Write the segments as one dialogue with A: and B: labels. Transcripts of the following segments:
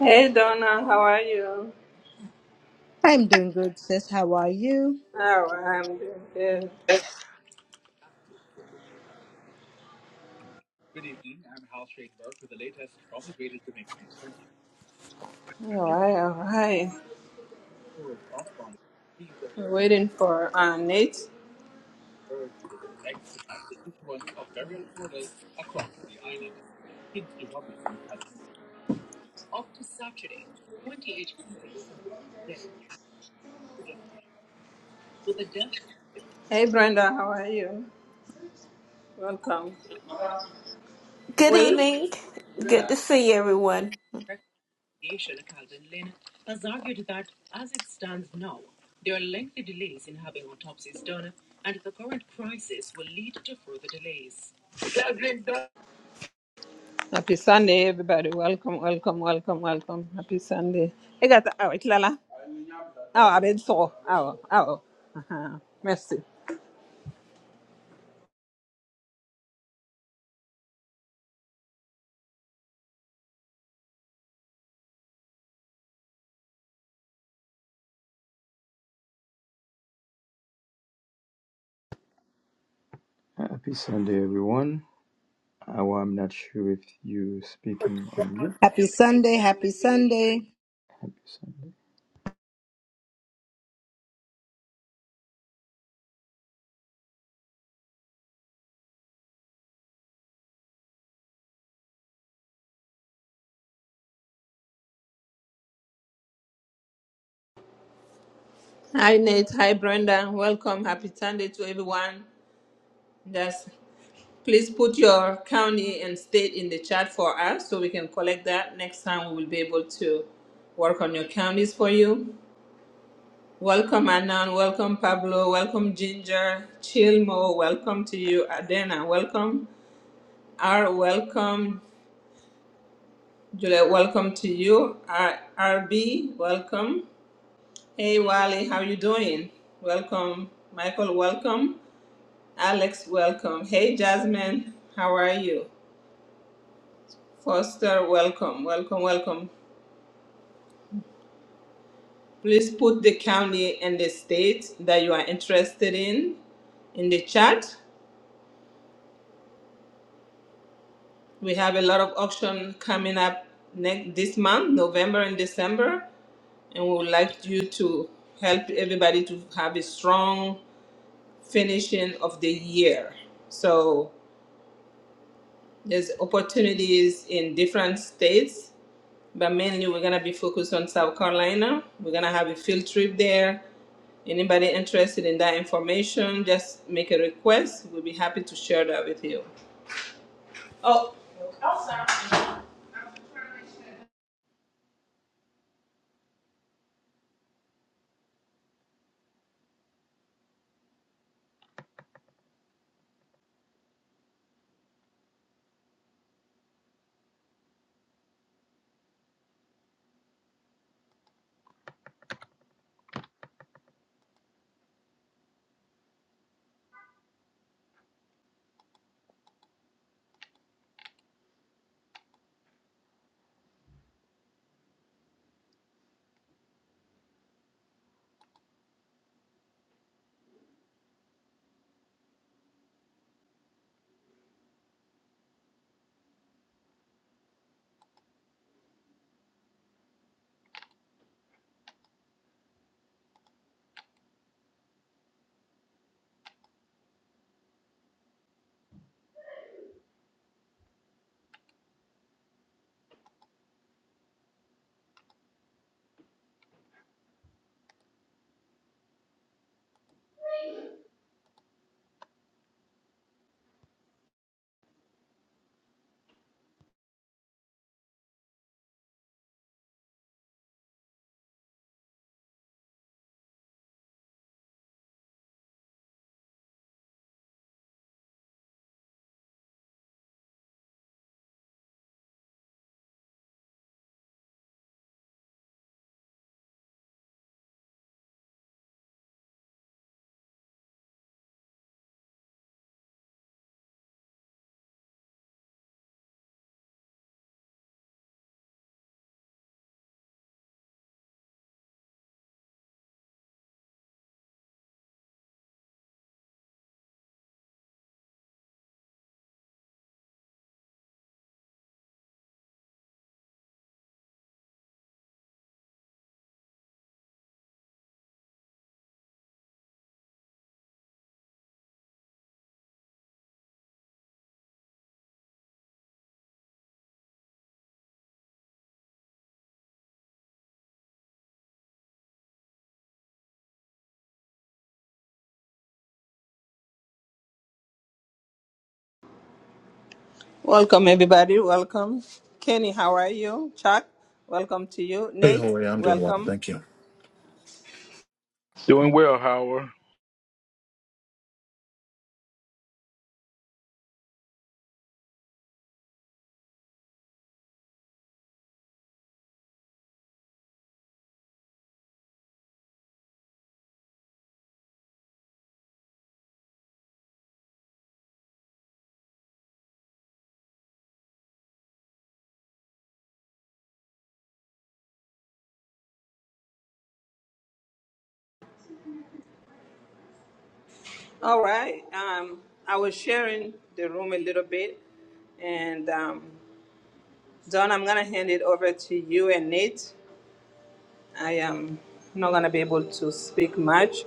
A: Hey Donna, how are you?
B: I'm doing good, sis. How are you?
A: Oh, I'm doing good. All right, all right. We're waiting for uh, Nate. Hey Brenda, how are you? Welcome.
C: Good
A: Wait.
C: evening. Good to see everyone.
A: Happy Sunday, everybody. Welcome, welcome, welcome, welcome. Happy Sunday. I got oh, it's Lala. Oh, I've been so. Oh, oh. Uh-huh. Merci.
D: Happy Sunday, everyone. Oh, I'm not sure if you're speaking on mute.
B: Happy Sunday. Happy Sunday.
D: Happy Sunday.
A: Hi Nate. Hi Brenda. Welcome. Happy Sunday to everyone. Yes. Please put your county and state in the chat for us so we can collect that. Next time we will be able to work on your counties for you. Welcome Anan, welcome Pablo, welcome Ginger, Chilmo, welcome to you, Adena, welcome. R, welcome. Juliet, welcome to you. R, RB, welcome. Hey Wally, how you doing? Welcome. Michael, welcome. Alex, welcome. Hey Jasmine, how are you? Foster, welcome, welcome, welcome. Please put the county and the state that you are interested in in the chat. We have a lot of auction coming up next this month, November and December, and we would like you to help everybody to have a strong finishing of the year. So there's opportunities in different states But mainly, we're gonna be focused on South Carolina. We're gonna have a field trip there. Anybody interested in that information, just make a request. We'll be happy to share that with you. Welcome, everybody. Welcome. Kenny, how are you? Chuck, welcome to you.
E: Hey,
A: Nate,
E: Jorge, I'm doing well.
A: welcome.
E: Thank you.
F: Doing well, Howard.
A: All right. Um, I was sharing the room a little bit, and um, Don, I'm gonna hand it over to you and Nate. I am not going to be able to speak much,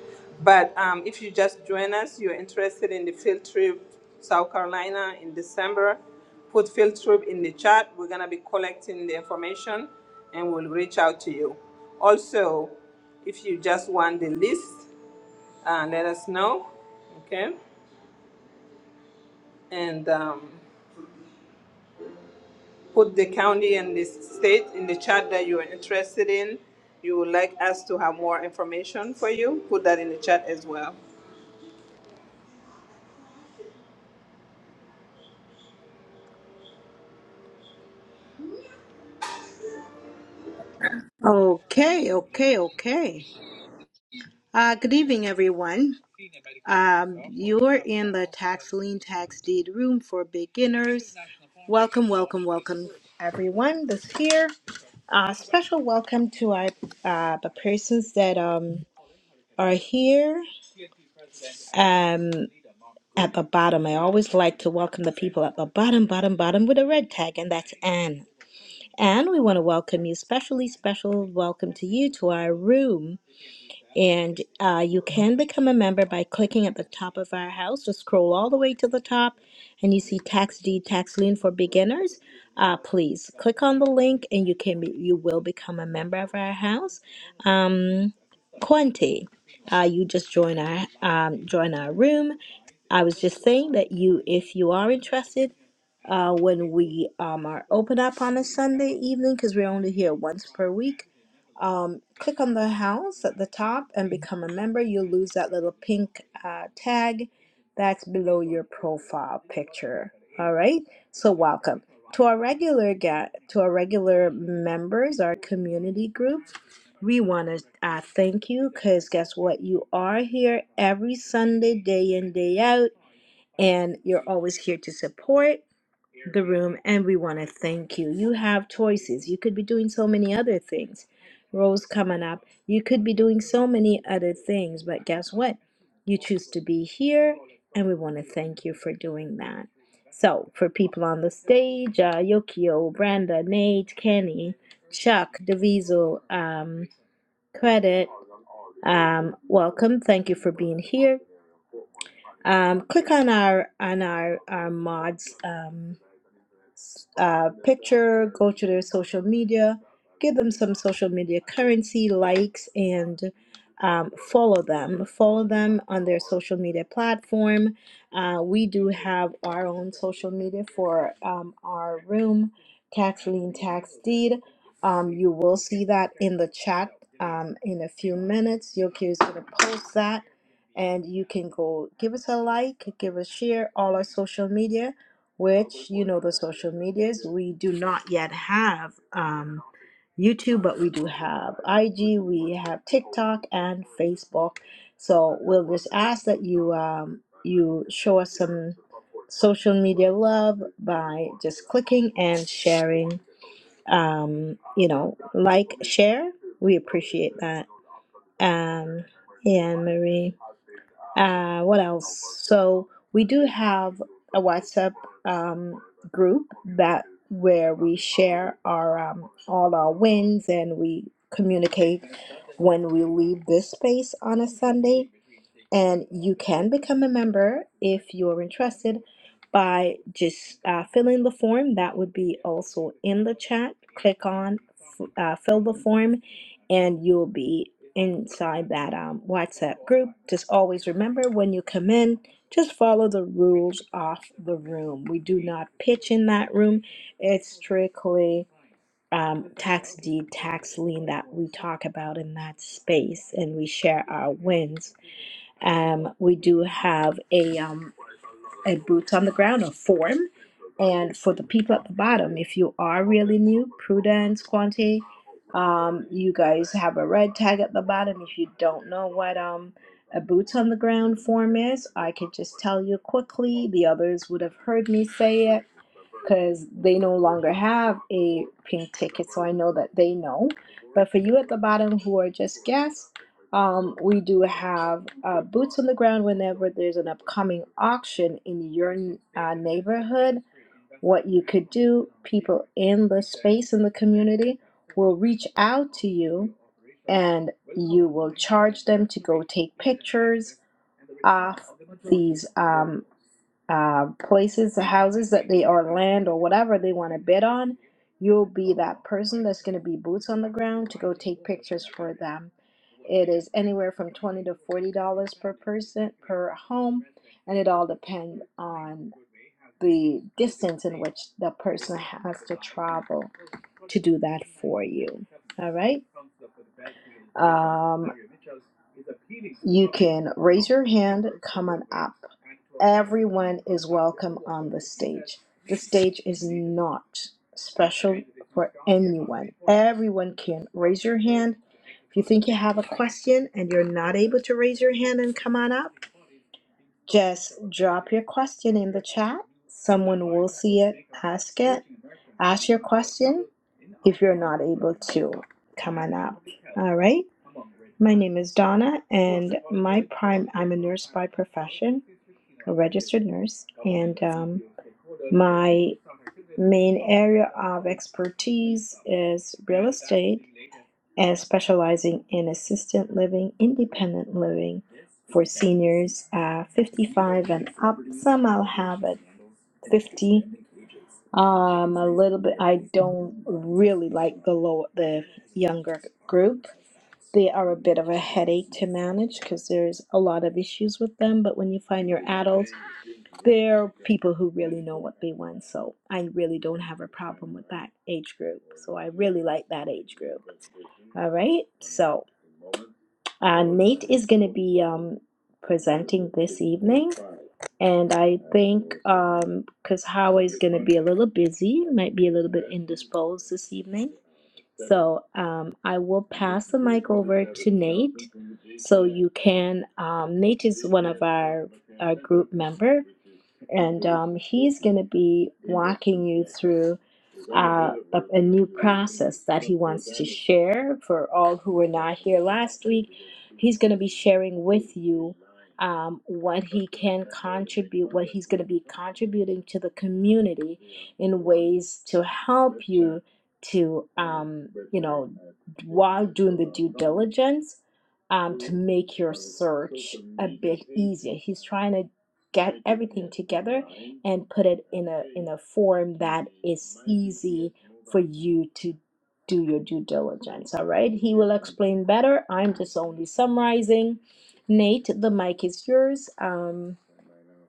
A: but um, if you just join us, you're interested in the field trip South Carolina in December, put field trip in the chat. We're going to be collecting the information and we'll reach out to you. Also, if you just want the list, uh, let us know. Okay. And um, put the county and the state in the chat that you are interested in. You would like us to have more information for you. Put that in the chat as well.
B: Okay, okay, okay. Uh, good evening, everyone. Um, you're in the tax lien tax deed room for beginners. Welcome, welcome, welcome, everyone that's here. Uh, special welcome to our uh, the persons that um, are here um, at the bottom. I always like to welcome the people at the bottom, bottom, bottom with a red tag, and that's Anne. And we want to welcome you, specially special welcome to you to our room. And uh, you can become a member by clicking at the top of our house. Just scroll all the way to the top, and you see Tax deed, Tax Lien for Beginners. Uh, please click on the link, and you can be, you will become a member of our house. Um, Quante, uh, you just join our um, join our room. I was just saying that you, if you are interested uh, when we um, are open up on a Sunday evening because we're only here once per week. Um, click on the house at the top and become a member. You'll lose that little pink uh, tag that's below your profile picture. All right, so welcome to our regular ga- to our regular members, our community group. We want to uh, thank you because guess what? You are here every Sunday, day in, day out, and you're always here to support the room and we want to thank you. You have choices. You could be doing so many other things. Rose coming up. You could be doing so many other things, but guess what? You choose to be here and we want to thank you for doing that. So, for people on the stage, uh, Yokio, Branda, Nate, Kenny, Chuck, Deviso, um, Credit, um, welcome. Thank you for being here. Um, click on our on our our mods. Um, uh, picture, go to their social media, give them some social media currency, likes, and um, follow them. Follow them on their social media platform. Uh, we do have our own social media for um, our room, Tax Lien Tax Deed. Um, you will see that in the chat um, in a few minutes. Yoki is going to post that and you can go give us a like, give us share all our social media which you know the social medias we do not yet have um, youtube but we do have ig we have tiktok and facebook so we'll just ask that you um, you show us some social media love by just clicking and sharing um, you know like share we appreciate that um, yeah Anne marie uh, what else? So we do have a WhatsApp um, group that where we share our um, all our wins and we communicate when we leave this space on a Sunday. And you can become a member if you're interested by just uh, filling the form that would be also in the chat. Click on uh, fill the form and you'll be inside that um, WhatsApp group. Just always remember when you come in, just follow the rules of the room. We do not pitch in that room, it's strictly um, tax deed, tax lien that we talk about in that space and we share our wins. Um, we do have a um, a boot on the ground or form. And for the people at the bottom, if you are really new, Prudence, Quante, um, you guys have a red tag at the bottom. If you don't know what um, a boots on the ground form is, I could just tell you quickly. The others would have heard me say it because they no longer have a pink ticket, so I know that they know. But for you at the bottom who are just guests, um, we do have uh, boots on the ground whenever there's an upcoming auction in your uh, neighborhood. What you could do, people in the space in the community will reach out to you and you will charge them to go take pictures of these. um, uh, places, houses that they or land or whatever they want to bid on, you'll be that person that's going to be boots on the ground to go take pictures for them. It is anywhere from twenty to forty dollars per person per home, and it all depends on the distance in which the person has to travel to do that for you. All right. Um, you can raise your hand, come on up. Everyone is welcome on the stage. The stage is not special for anyone. Everyone can raise your hand. If you think you have a question and you're not able to raise your hand and come on up, just drop your question in the chat. Someone will see it, ask it, ask your question if you're not able to come on up. All right. My name is Donna, and my prime, I'm a nurse by profession a registered nurse, and um, my main area of expertise is real estate and specializing in assisted living, independent living for seniors uh, 55 and up. Some I'll have at 50. Um, a little bit. I don't really like the low, the younger group. They are a bit of a headache to manage because there's a lot of issues with them. But when you find your adults they're people who really know what they want. So I really don't have a problem with that age group. So I really like that age group. All right. So uh, Nate is going to be um, presenting this evening. And I think because Howard is going to be a little busy, might be a little bit indisposed this evening. So um, I will pass the mic over to Nate. So you can, um, Nate is one of our, our group member, and um, he's going to be walking you through uh, a, a new process that he wants to share for all who were not here last week. He's going to be sharing with you um, what he can contribute, what he's going to be contributing to the community in ways to help you to um, you know while doing the due diligence um, to make your search a bit easier he's trying to get everything together and put it in a in a form that is easy for you to do your due diligence all right he will explain better i'm just only summarizing nate the mic is yours um,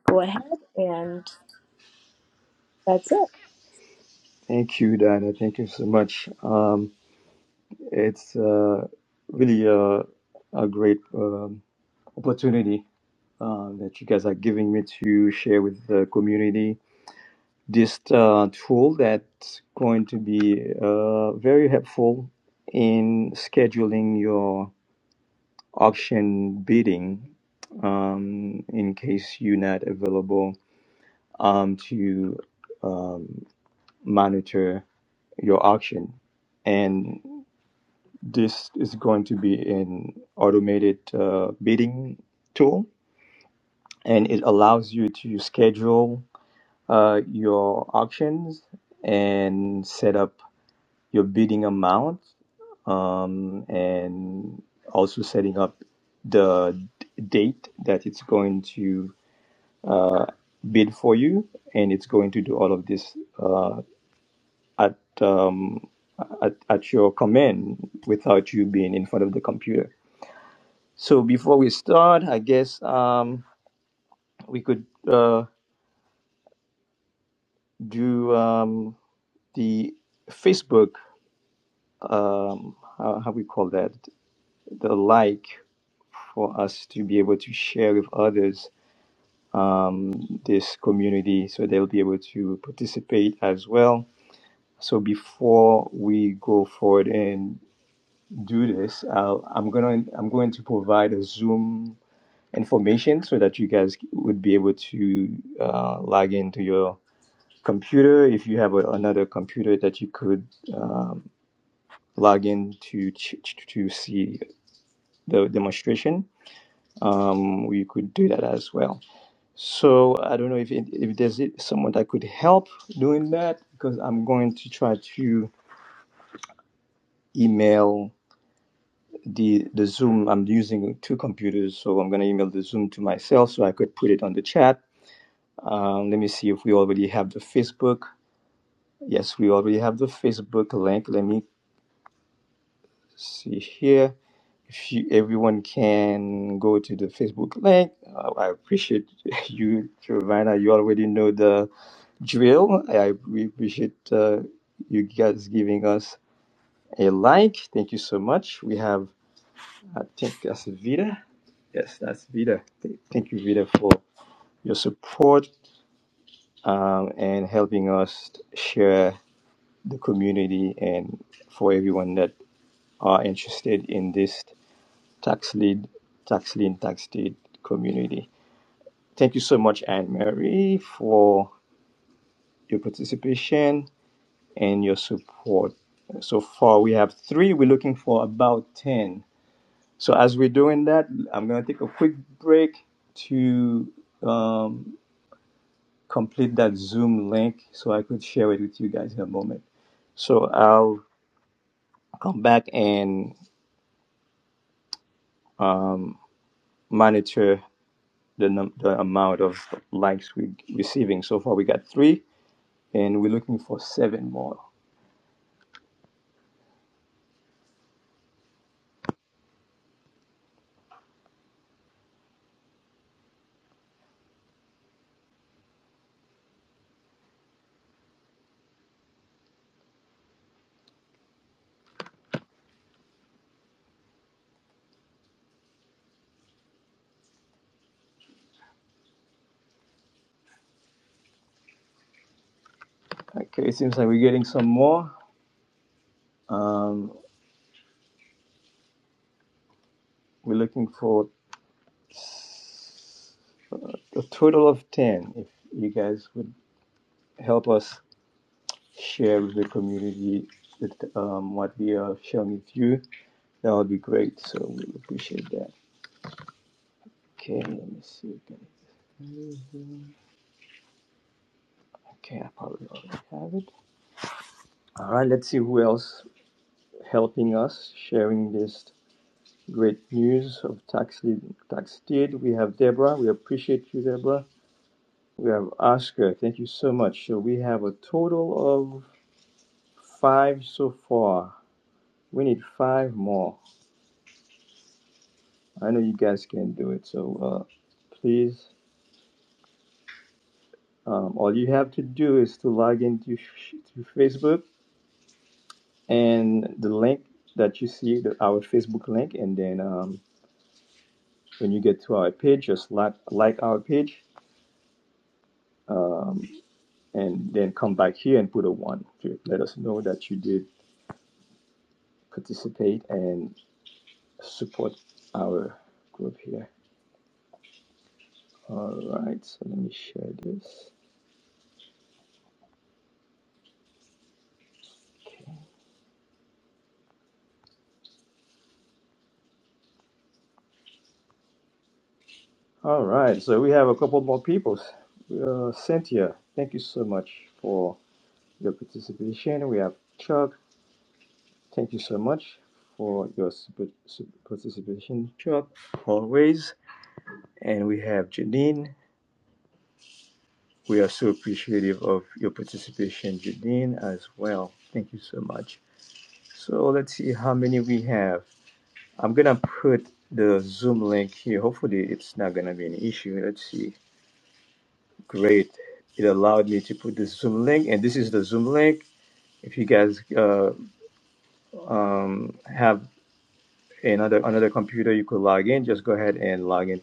B: go ahead and that's it
D: Thank you, Dinah. Thank you so much. Um, it's uh, really a, a great um, opportunity uh, that you guys are giving me to share with the community this uh, tool that's going to be uh, very helpful in scheduling your auction bidding um, in case you're not available um, to um, monitor your auction. And this is going to be an automated uh, bidding tool, and it allows you to schedule uh, your auctions and set up your bidding amount, um, and also setting up the d- date that it's going to uh, bid for you, and it's going to do all of this uh, at um, at, at your command without you being in front of the computer. So before we start, I guess um, we could uh, do um, the Facebook. Um, how, how we call that? The like for us to be able to share with others um, this community, so they'll be able to participate as well. So before we go forward and. do this, I'll, I'm gonna I'm going to provide a Zoom information so that you guys would be able to uh, log into your computer if you have a, another computer that you could um, log in to to see the demonstration. Um, we could do that as well. So I don't know if it, if there's someone that could help doing that because I'm going to try to email the the Zoom. I'm using two computers, so I'm gonna email the Zoom to myself so I could put it on the chat. Um, let me see if we already have the Facebook. Yes, we already have the Facebook link. Let me see here. If you, everyone can go to the Facebook link, uh, I appreciate you, Giovanna. You already know the drill. I we appreciate uh, you guys giving us a like. Thank you so much. We have, I think, that's Vida. Yes, that's Vida. Th- Thank you, Vida, for your support um, and helping us share the community and for everyone that are interested in this tax lead, tax lien, tax deed community. Thank you so much, Anne Marie, for your participation and your support. So far, we have three. We're looking for about 10. So, as we're doing that, I'm going to take a quick break to. Um, complete that Zoom link so I could share it with you guys in a moment. So I'll come back and um, monitor the, num- the amount of likes we're receiving. So far, we got three, and we're looking for seven more. Okay, it seems like we're getting some more. Um, we're looking for a total of 10. If you guys would help us share with the community that, um, what we are sharing with you That would be great. So we appreciate that. Okay, let me see again. Okay, I probably already have it. All right, let's see who else helping us sharing this great news of tax tax deed. We have Deborah. We appreciate you, Deborah. We have Oscar. Thank you so much. So we have a total of five so far. We need five more. I know you guys can do it. So uh, please, um, all you have to do is to log into to Facebook and the link that you see the, our facebook link and then um, when you get to our page just like like our page um, and then come back here and put a one to let us know that you did participate and support our group here all right so let me share this all right so we have a couple more people uh, cynthia thank you so much for your participation we have chuck Thank you so much for your participation throughout always. And we have Janine. We are so appreciative of your participation, Janine, as well. Thank you so much. So let's see how many we have. I'm gonna put the Zoom link here. Hopefully, it's not gonna be an issue. Let's see. Great. It allowed me to put the Zoom link, and this is the Zoom link. If you guys uh, um, have another another computer, you could log in. Just go ahead and log in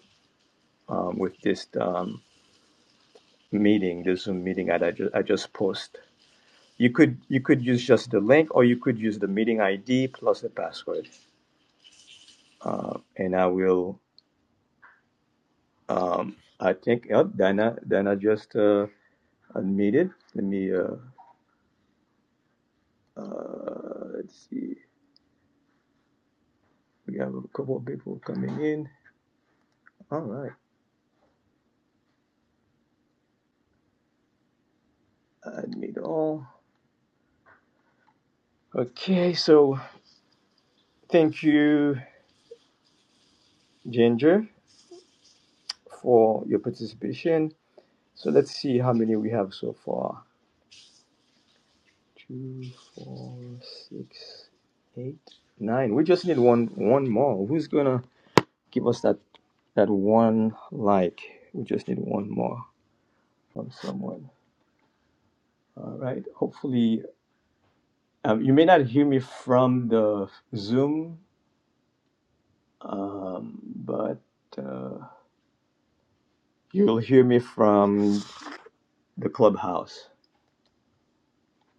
D: um, with this um, meeting, this Zoom meeting that I just, I just post. You could you could use just the link, or you could use the meeting ID plus the password. Uh, and I will. Um, I think oh, Dana Dana just uh, unmuted. Let me. Uh, uh, let's see. We have a couple of people coming in. All right. Admit all. Okay. So thank you, Ginger, for your participation. So let's see how many we have so far. Two, four, six, eight, nine. We just need one one more. Who's gonna give us that that one like? We just need one more from someone. All right. Hopefully, um, you may not hear me from the Zoom, um, but uh, you'll hear me from the clubhouse.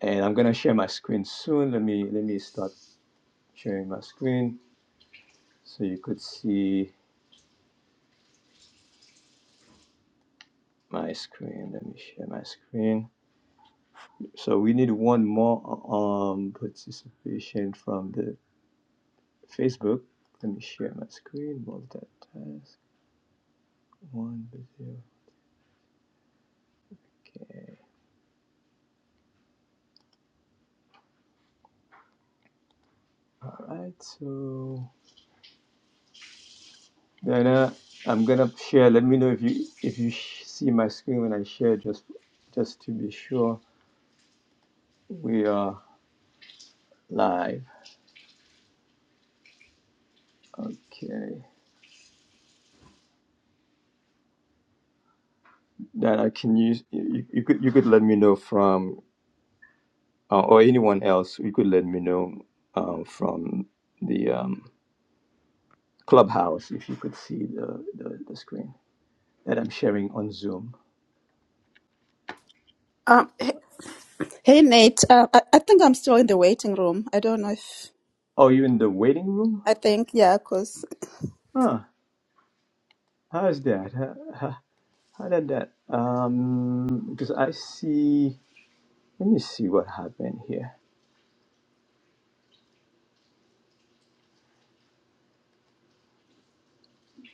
D: And I'm gonna share my screen soon. Let me let me start sharing my screen so you could see my screen. Let me share my screen. So we need one more uh, um participation from the Facebook. Let me share my screen. Multitask. One video. Okay. All right. So Diana, I'm gonna share. Let me know if you if you sh- see my screen when I share. Just just to be sure we are live. Okay. That I can use you, you could you could let me know from uh, or anyone else. You could let me know uh, from the um, Clubhouse, if you could see the, the, the screen that I'm sharing on Zoom.
G: Um, h- hey Nate, uh, I, I think I'm still in the waiting room. I don't know if
D: Oh, you're in the waiting room?
G: I think yeah, because
D: Huh. How's that? How, how, how did that? Um, because I see. Let me see what happened here.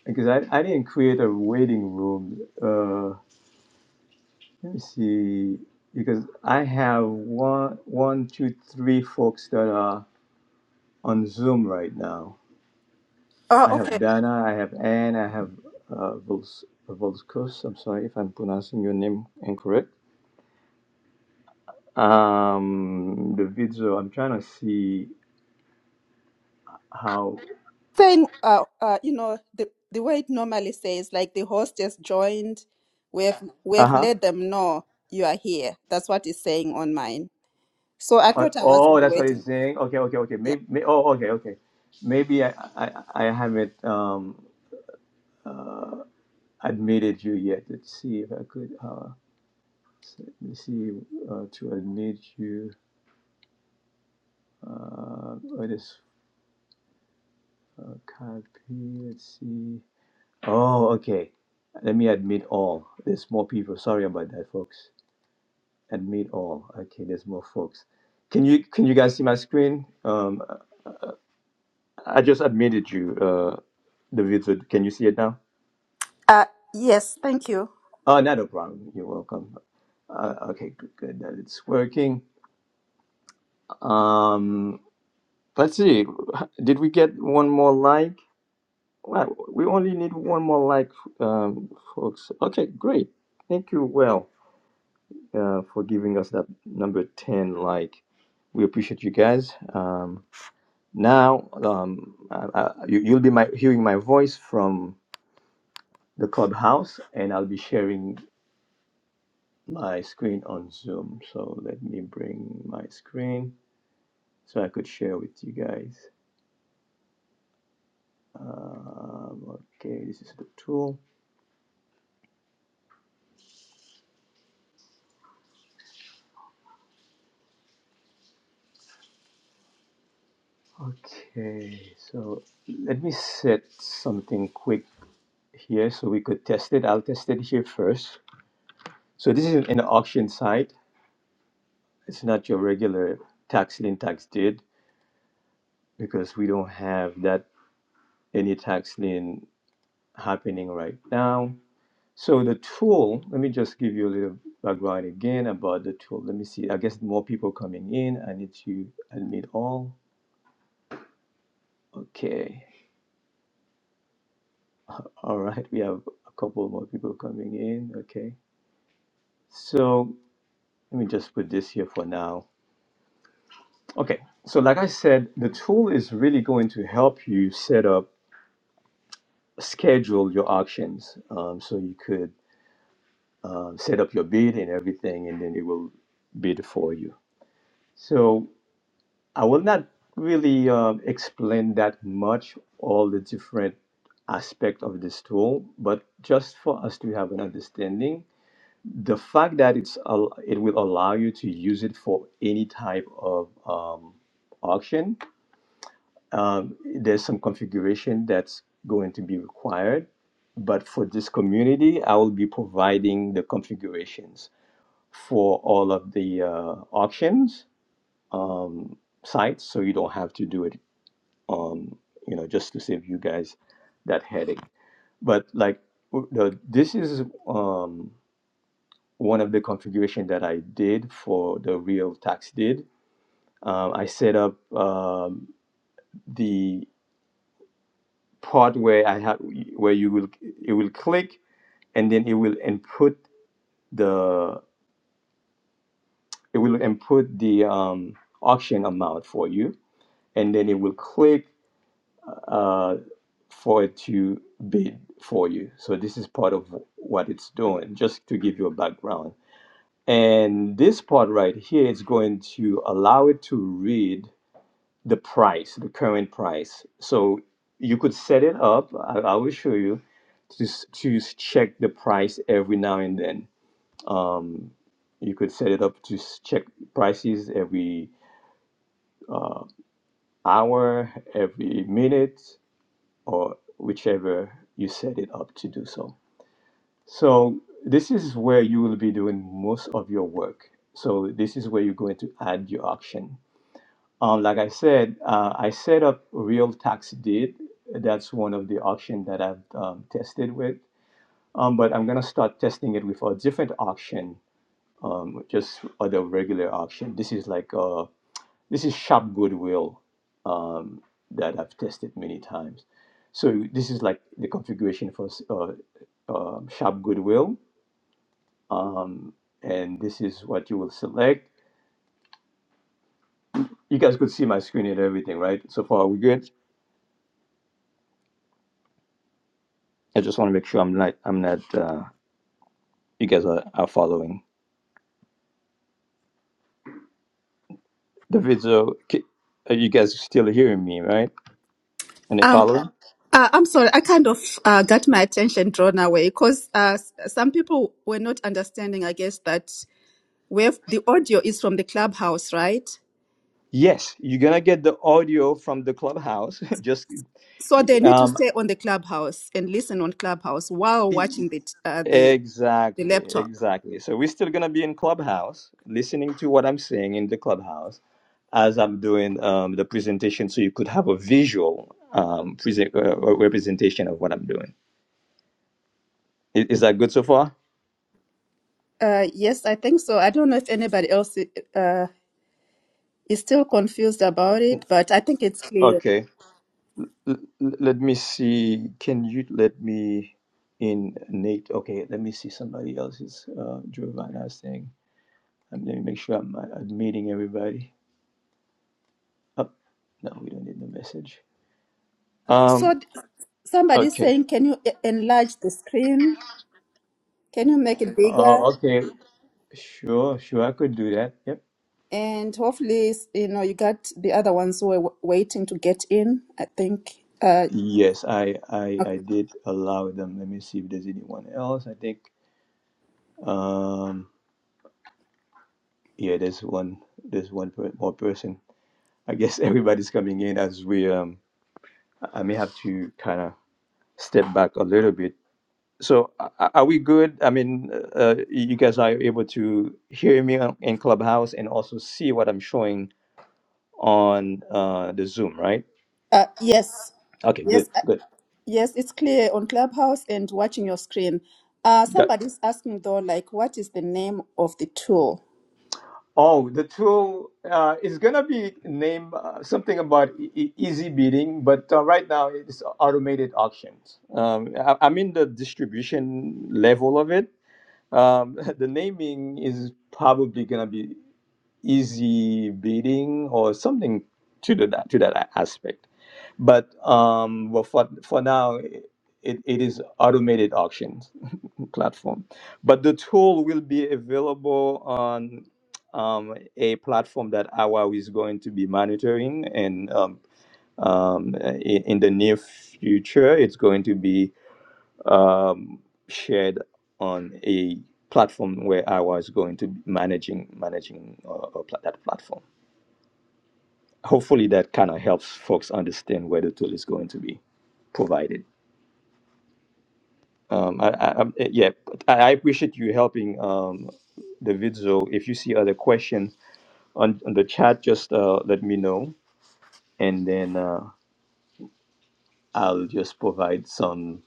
D: Because I, I didn't create a waiting room. Uh, let me see. Because I have one, one, two, three folks that are on Zoom right now.
G: uh,
D: I have
G: okay,
D: Dana, I have Anne, I have uh, Vols- Volskus. I'm sorry if I'm pronouncing your name incorrect. Um, the video, I'm trying to see how.
G: saying uh, uh, you know the the way it normally says like the host has joined, we have Uh-huh. we
D: Uh
G: have
D: huh.
G: let them know you are here. That's what it's saying on mine. So I
D: Uh,
G: thought I was in
D: oh,
G: the
D: that's what he's
G: waiting.
D: saying. Okay, okay, okay.
G: Yeah.
D: Maybe. May, oh, okay, okay. Maybe I, I, I haven't um admitted you yet. Let's see if I could. Uh, s- let me see uh, to admit you. Uh, what is uh, copy? Let's see. Oh, okay. Let me admit all. There's more people. Sorry about that, folks. Admit all. Okay, there's more folks. Can you can you guys see my screen? Um, I just admitted you, uh, the wizard. Can you see it now?
G: Uh, yes, thank you.
D: Oh, not a problem. You're welcome. Uh, okay, good, good that it's working. Um, let's see. Did we get one more like? Well, we only need one more like, um, folks. Okay, great. Thank you. Well. uh, for giving us that number 10 like we appreciate you guys um, now um, I, I, you, you'll be my, hearing my voice from the clubhouse and i'll be sharing my screen on zoom so let me bring my screen so i could share with you guys um, okay this is the tool okay so let me set something quick here so we could test it i'll test it here first so this is an auction site It's not your regular tax lien tax deed because we don't have that any tax lien happening right now. So the tool, let me just give you a little background again about the tool. Let me see. I guess more people coming in. I need to admit all. Okay. All right. We have a couple more people coming in. Okay. So let me just put this here for now. Okay. So like I said, the tool is really going to help you set up schedule your auctions um, so you could um, set up your bid and everything, and then it will bid for you. So I will not really um, explain that much all the different aspect of this tool, but just for us to have an understanding, the fact that it's al- it will allow you to use it for any type of um, auction Um, there's some configuration that's going to be required, but for this community, I will be providing the configurations for all of the uh, auctions um, sites, so you don't have to do it, um, you know, just to save you guys that headache. But like, w- the, this is um, one of the configuration that I did for the real tax did. Um, I set up um, the part where I have where you will it will click and then it will input the it will input the um, auction amount for you and then it will click uh, for it to bid for you. So this is part of what it's doing, just to give you a background. And this part right here is going to allow it to read the price, the current price. So you could set it up. I, I will show you to s- to s- check the price every now and then. Um, you could set it up to s- check prices every uh, hour, every minute, or whichever you set it up to do so. So this is where you will be doing most of your work. So this is where you're going to add your auction. Uh, like I said, uh, I set up Real Tax Deed. That's one of the auction that I've um, tested with. Um, but I'm gonna start testing it with a different auction, um, just other regular auction. This is like uh, this is Shop Goodwill um, that I've tested many times. So this is like the configuration for uh, uh, um, Shop Goodwill, um, and this is what you will select. You guys could see my screen and everything, right? So far, we good. I just want to make sure I'm not I'm not uh, you guys are, are following the video. K- uh, You guys are still hearing me, right? And they
G: Um,
D: following?
G: uh, I'm sorry, I kind of uh, got my attention drawn away because uh, s- some people were not understanding, I guess, that. We have the audio is from the clubhouse, right?
D: Yes, you're gonna get the audio from the clubhouse. just
G: So they need to
D: um,
G: stay on the clubhouse and listen on clubhouse while
D: e,
G: watching the t- uh, the the
D: exactly,
G: laptop.
D: exactly. So we're still gonna be in clubhouse, listening to what I'm saying in the clubhouse as I'm doing um, the presentation, so you could have a visual um, present, uh, representation of what I'm doing. I- Is that good so far?
G: Uh, yes, I think so. I don't know if anybody else uh, is still confused about it, but I think it's clear.
D: Okay. L- l- let me see. Can you let me in, Nate? Okay, let me see somebody else's. Uh, Giovanna's thing. Um, let me make sure I'm uh, admitting everybody. Oh, no, we don't need the message.
G: So
D: Um.
G: th- somebody
D: Okay.
G: saying, can you e- enlarge the screen? Can you make it bigger?
D: Uh, okay. Sure. Sure. I could do that. Yep.
G: And hopefully, s- you know, you got the other ones who were w- waiting to get in. I think. Uh,
D: Yes, I, I
G: okay.
D: I did allow them. Let me see if there's anyone else. I think. Um. Yeah. There's one. There's one per, more person. I guess everybody's coming in as we um. I may have to kind of step back a little bit. So a- are we good? I mean, uh, uh, you guys are able to hear me on- in Clubhouse and also see what I'm showing on uh, the Zoom, right?
G: uh, yes,
D: Okay, good,
G: yes.
D: good.
G: Yes, it's clear on Clubhouse and watching your screen. Uh,
D: Got.
G: somebody's asking though, like, what is the name of the tool?
D: Oh, the tool uh, is gonna be named uh, something about e- e- easy bidding, but uh, right now it's automated auctions. Um, I- I'm in the distribution level of it. Um, the naming is probably gonna be easy bidding or something to the, to that aspect. But um, well, for for now, it, it is automated auctions platform. But the tool will be available on um, a platform that AWA is going to be monitoring and. Um, um, in, in the near future, it's going to be um, shared on a platform where I was going to be managing managing uh, uh, pla- that platform. Hopefully, that kind of helps folks understand where the tool is going to be provided. Um, I, I, I'm- eh, yeah, but I I appreciate you helping um, the video. If you see other questions on, on the chat, just uh, let me know, and then uh, I'll just provide some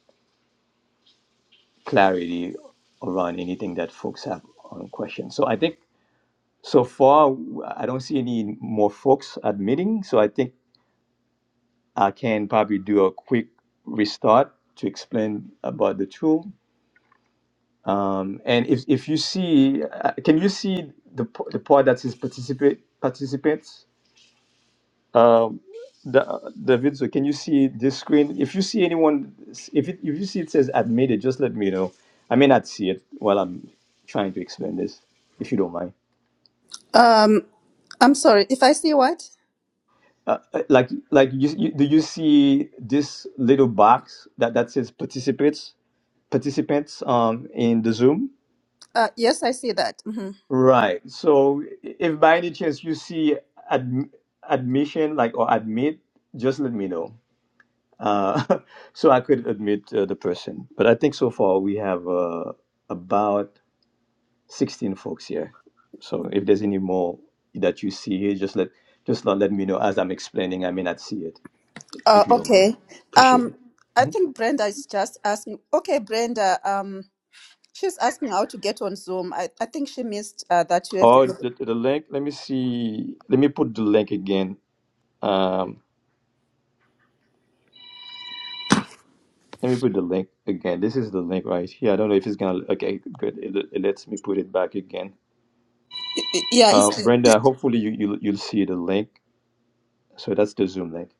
D: clarity around anything that folks have on questions. So I think So far, I don't see any more folks admitting. So I think I can probably do a quick restart to explain about the tool. Um, and if, if you see, uh, can you see the, p- the part that says participate participants? Um, the, the video, can you see this screen? If you see anyone, if, it, if you see it says admitted, just let me know. I may not see it while I'm trying to explain this, if you don't mind.
G: Um, I'm sorry, if I see what?
D: uh, uh, like like you, you do you see this little box that that says participants participants um in the zoom
G: Uh, yes, I see that. hmm
D: right so if by any chance you see ad, admission like or admit just let me know uh so i could admit uh, the person but i think so far we have uh, about 16 folks here so if there's any more that you see here just let just let let me know as i'm explaining i may not see it
G: Uh,
D: if you don't mind
G: okay.
D: appreciate
G: Um,
D: it
G: I think Brenda is just asking. Okay, Brenda. Um, she's asking how to get on Zoom. I, I think she missed uh, that you have to
D: Oh,
G: go.
D: the, the link. Let me see. Let me put the link again. Um, let me put the link again. This is the link right here. I don't know if it's gonna. Okay, good. It, it lets me put it back again.
G: Yeah,
D: Uh,
G: it's,
D: Brenda, hopefully you you'll, you'll see the link. So that's the Zoom link.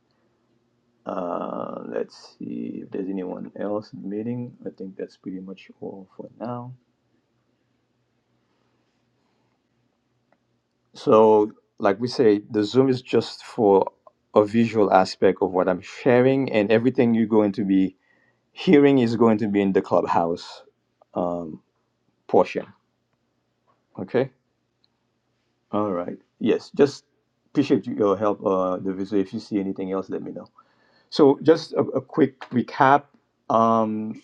D: Uh, let's see if there's anyone else in the meeting. I think that's pretty much all for now. So, like we say, the Zoom is just for a visual aspect of what I'm sharing, and everything you're going to be Hearing is going to be in the clubhouse um, portion. Okay. All right. Yes. Just appreciate your help, uh, Daviso. If you see anything else, let me know. So, just a, a quick recap. Um,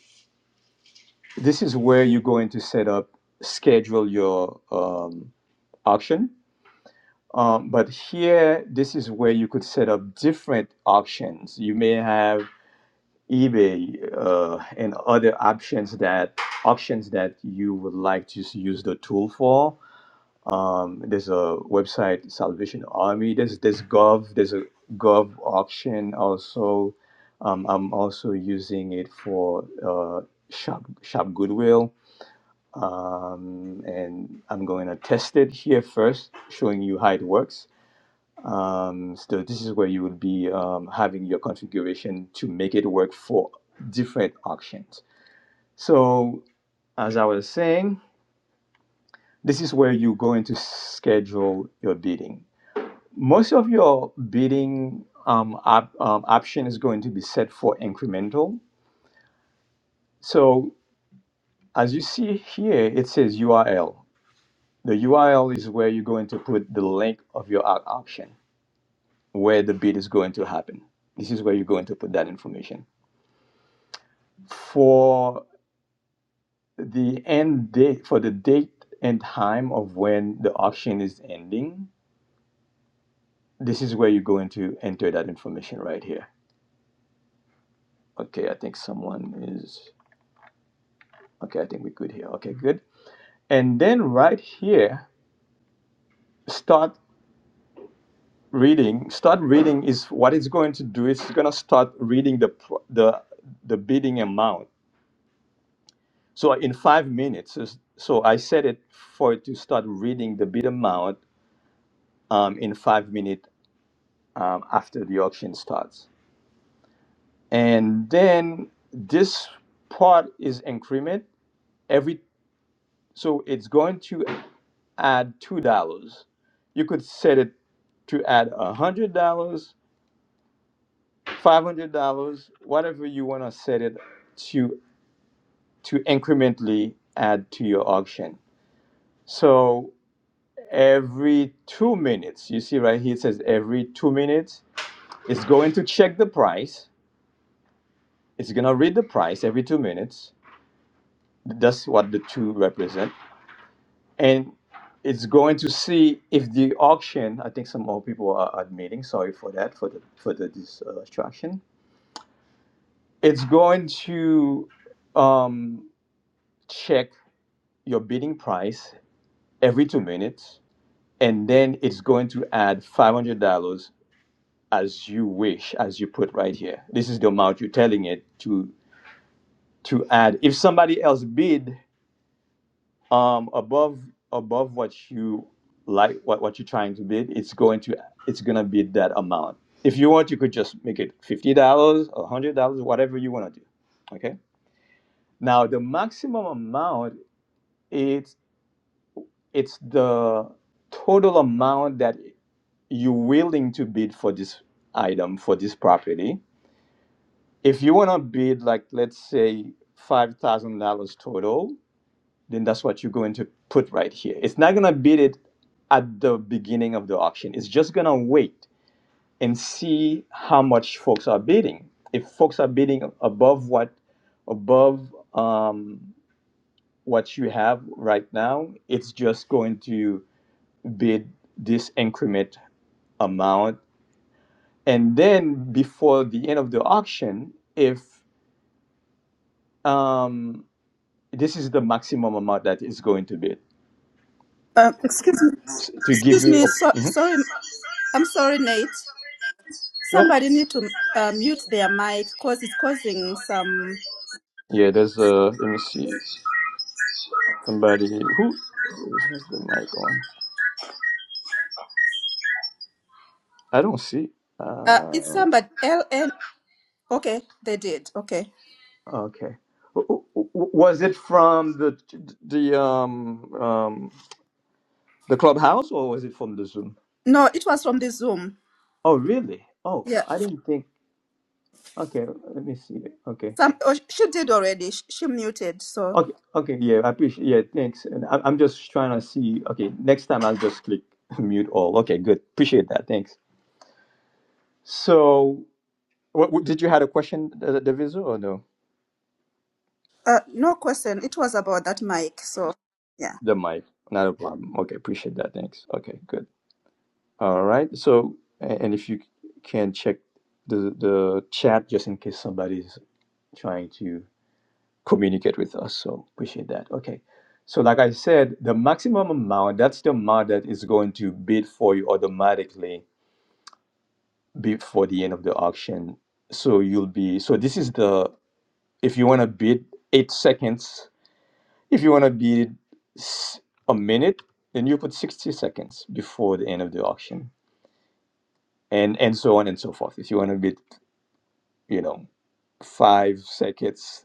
D: this is where you're going to set up, schedule your um, auction. Um, but here, this is where you could set up different auctions. You may have eBay uh, and other options that auctions that you would like to use the tool for. Um, there's a website Salvation Army. There's there's Gov. There's a Gov auction also. Um, I'm also using it for uh, Shop Shop Goodwill, um, and I'm going to test it here first, showing you how it works um, so this is where you will be um, having your configuration to make it work for different auctions. So as I was saying, this is where you go into schedule your bidding. Most of your bidding um, op- um, option is going to be set for incremental. So as you see here, it says URL. The URL is where you're going to put the link of your auction, where the bid is going to happen. This is where you're going to put that information. for the end date for the date and time of when the auction is ending this is where you're going to enter that information right here okay i think someone is okay i think we're good here okay good and then right here start reading start reading is what it's going to do it's going to start reading the pr- the the bidding amount so in five minutes is- so i set it for it to start reading the bid amount um, in five minutes um, after the auction starts. And then this part is increment every so it's going to add two dollars. You could set it to add a hundred dollars, five hundred dollars, whatever you want to set it to to incrementally add to your auction. So every two minutes, you see right here it says every two minutes, it's going to check the price. It's gonna read the price every two minutes That's what the two represent. And it's going to see if the auction, I think some more people are admitting, sorry for that, for the, for the distraction. It's going to um, check your bidding price every two minutes, and then it's going to add $500 as you wish, as you put right here. This is the amount you're telling it to to add. If somebody else bid um above above what you like what, what you're trying to bid it's going to it's going to be that amount if you want you could just make it $50 a $100 whatever you want to do okay now the maximum amount it's it's the total amount that you're willing to bid for this item for this property if you want to bid like let's say $5000 total then that's what you're going to put right here. It's not going to bid it at the beginning of the auction. It's just going to wait and see how much folks are bidding. If folks are bidding above what above um, what you have right now, it's just going to bid this increment amount. And then before the end of the auction, if um, this is the maximum amount that is going to bid,
G: uh, excuse me.
D: to give
G: Excuse
D: you
G: me. So,
D: a, Mhm.
G: sorry. I'm sorry, Nate.
D: Sure.
G: Somebody need to uh, mute their mic because it's causing some.
D: Yeah, there's uh let me see. Somebody who has the mic on. I don't see.
G: Uh, it's
D: Uh
G: somebody LN. Okay, they did. Okay.
D: okay. W- w- w- Was it from the the um um the clubhouse or was it from the Zoom?
G: No, it was from the Zoom.
D: Oh, really? Oh,
G: Yeah.
D: I didn't think. Okay, let me see. Okay.
G: Some oh, she did already. She, she muted. So
D: Okay, okay, yeah, I appreciate. Yeah, thanks. And I, I'm just trying to see. Okay, next time I'll just click mute all. Okay, good. Appreciate that. Thanks. So, what, what- did you had a question, uh, Daviso, or no?
G: uh, no question. It was about that mic. So yeah.
D: The mic, not a problem. Okay, appreciate that. Thanks. Okay, good. All right. So, a- and if you can check the the chat just in case somebody's trying to communicate with us. So appreciate that. Okay. So like I said, the maximum amount, that's the amount that is going to bid for you automatically before the end of the auction. So you'll be so this is the if you want to bid eight seconds If you want to bid s- a minute, then you put 60 seconds before the end of the auction, and and so on and so forth. If you want to bid, you know, five seconds,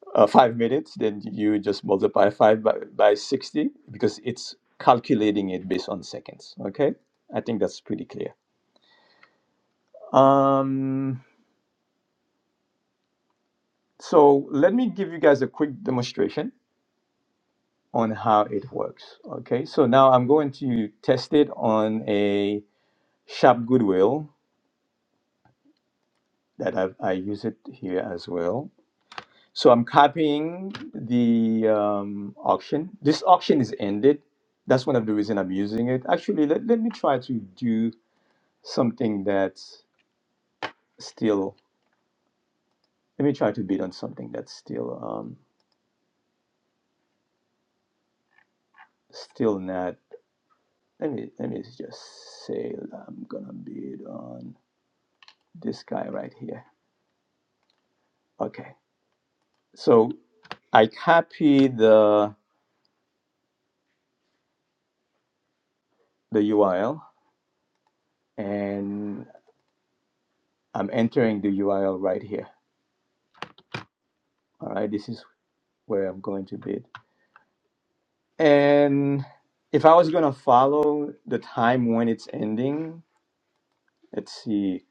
D: uh, five minutes, then you just multiply five by, by 60 because it's calculating it based on seconds. Okay, I think that's pretty clear. Um, so let me give you guys a quick demonstration on how it works. Okay, so now I'm going to test it on a Shop Goodwill that I've, I use it here as well. So I'm copying the um, auction. This auction is ended. That's one of the reason I'm using it. Actually, let, let me try to do something that's still. Let me try to bid on something that's still um, still not. Let me let me just say I'm gonna bid on this guy right here. Okay. So I copy the the URL and I'm entering the URL right here. All right, this is where I'm going to bid. And if I was going to follow the time when it's ending, let's see.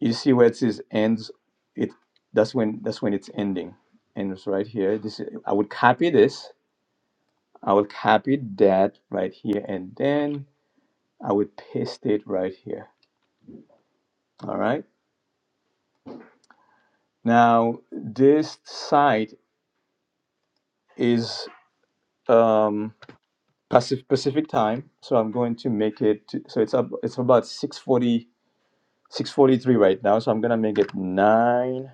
D: You see where it says ends. It that's when that's when it's ending. And it's right here. This is- I would copy this. I would copy that right here, and then I would paste it right here. All right. Now this site is um, Pacific Pacific time, so I'm going to make it. To, so it's up. It's about six forty 643 right now, so I'm gonna make it 9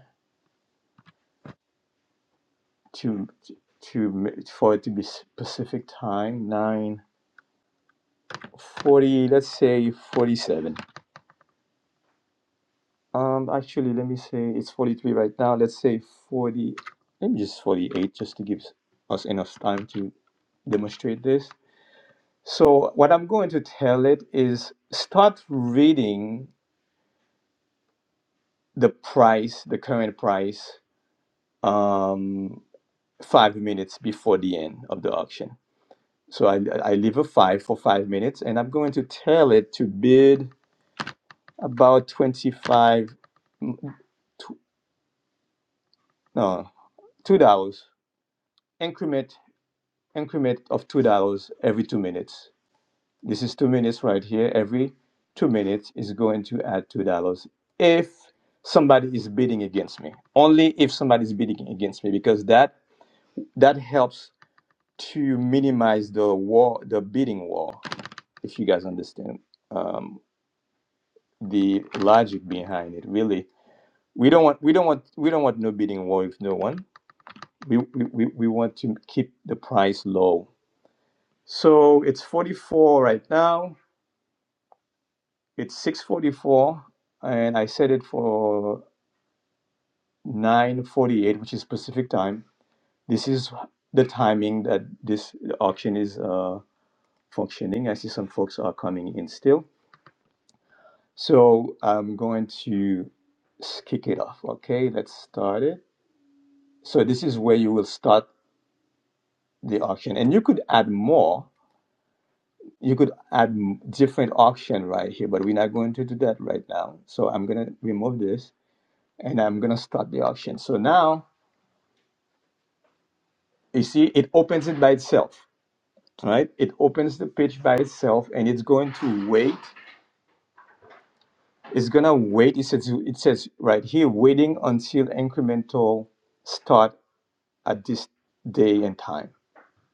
D: to to ma- for it to be s- Pacific time, 9:40. let's say 47. Um actually let me say it's 43 right now. Let's say 40 maybe just 48 just to give us enough time to demonstrate this. So what I'm going to tell it is start reading the price, the current price, um, five minutes before the end of the auction So I, I leave a five for five minutes and I'm going to tell it to bid about 25, tw- no, $2 increment, increment of $2 every two minutes. This is two minutes right here. Every two minutes is going to add $2 if somebody is bidding against me. Only if somebody is bidding against me because that, that helps to minimize the war, the bidding war, if you guys understand um, the logic behind it, really we don't want we don't want we don't want no bidding war with no one. We we, we we want to keep the price low. So it's 44 right now. It's 644 and I set it for 948 which is Pacific time. This is the timing that this auction is uh, functioning. I see some folks are coming in still. So I'm going to s- kick it off. Okay, let's start it. So this is where you will start the auction and you could add more you could add m- different auction right here, but we're not going to do that right now. So I'm going to remove this and I'm going to start the auction. So now you see it opens it by itself, right? It opens the page by itself and it's going to wait. It's going to wait. It says, it says right here, waiting until incremental start at this day and time.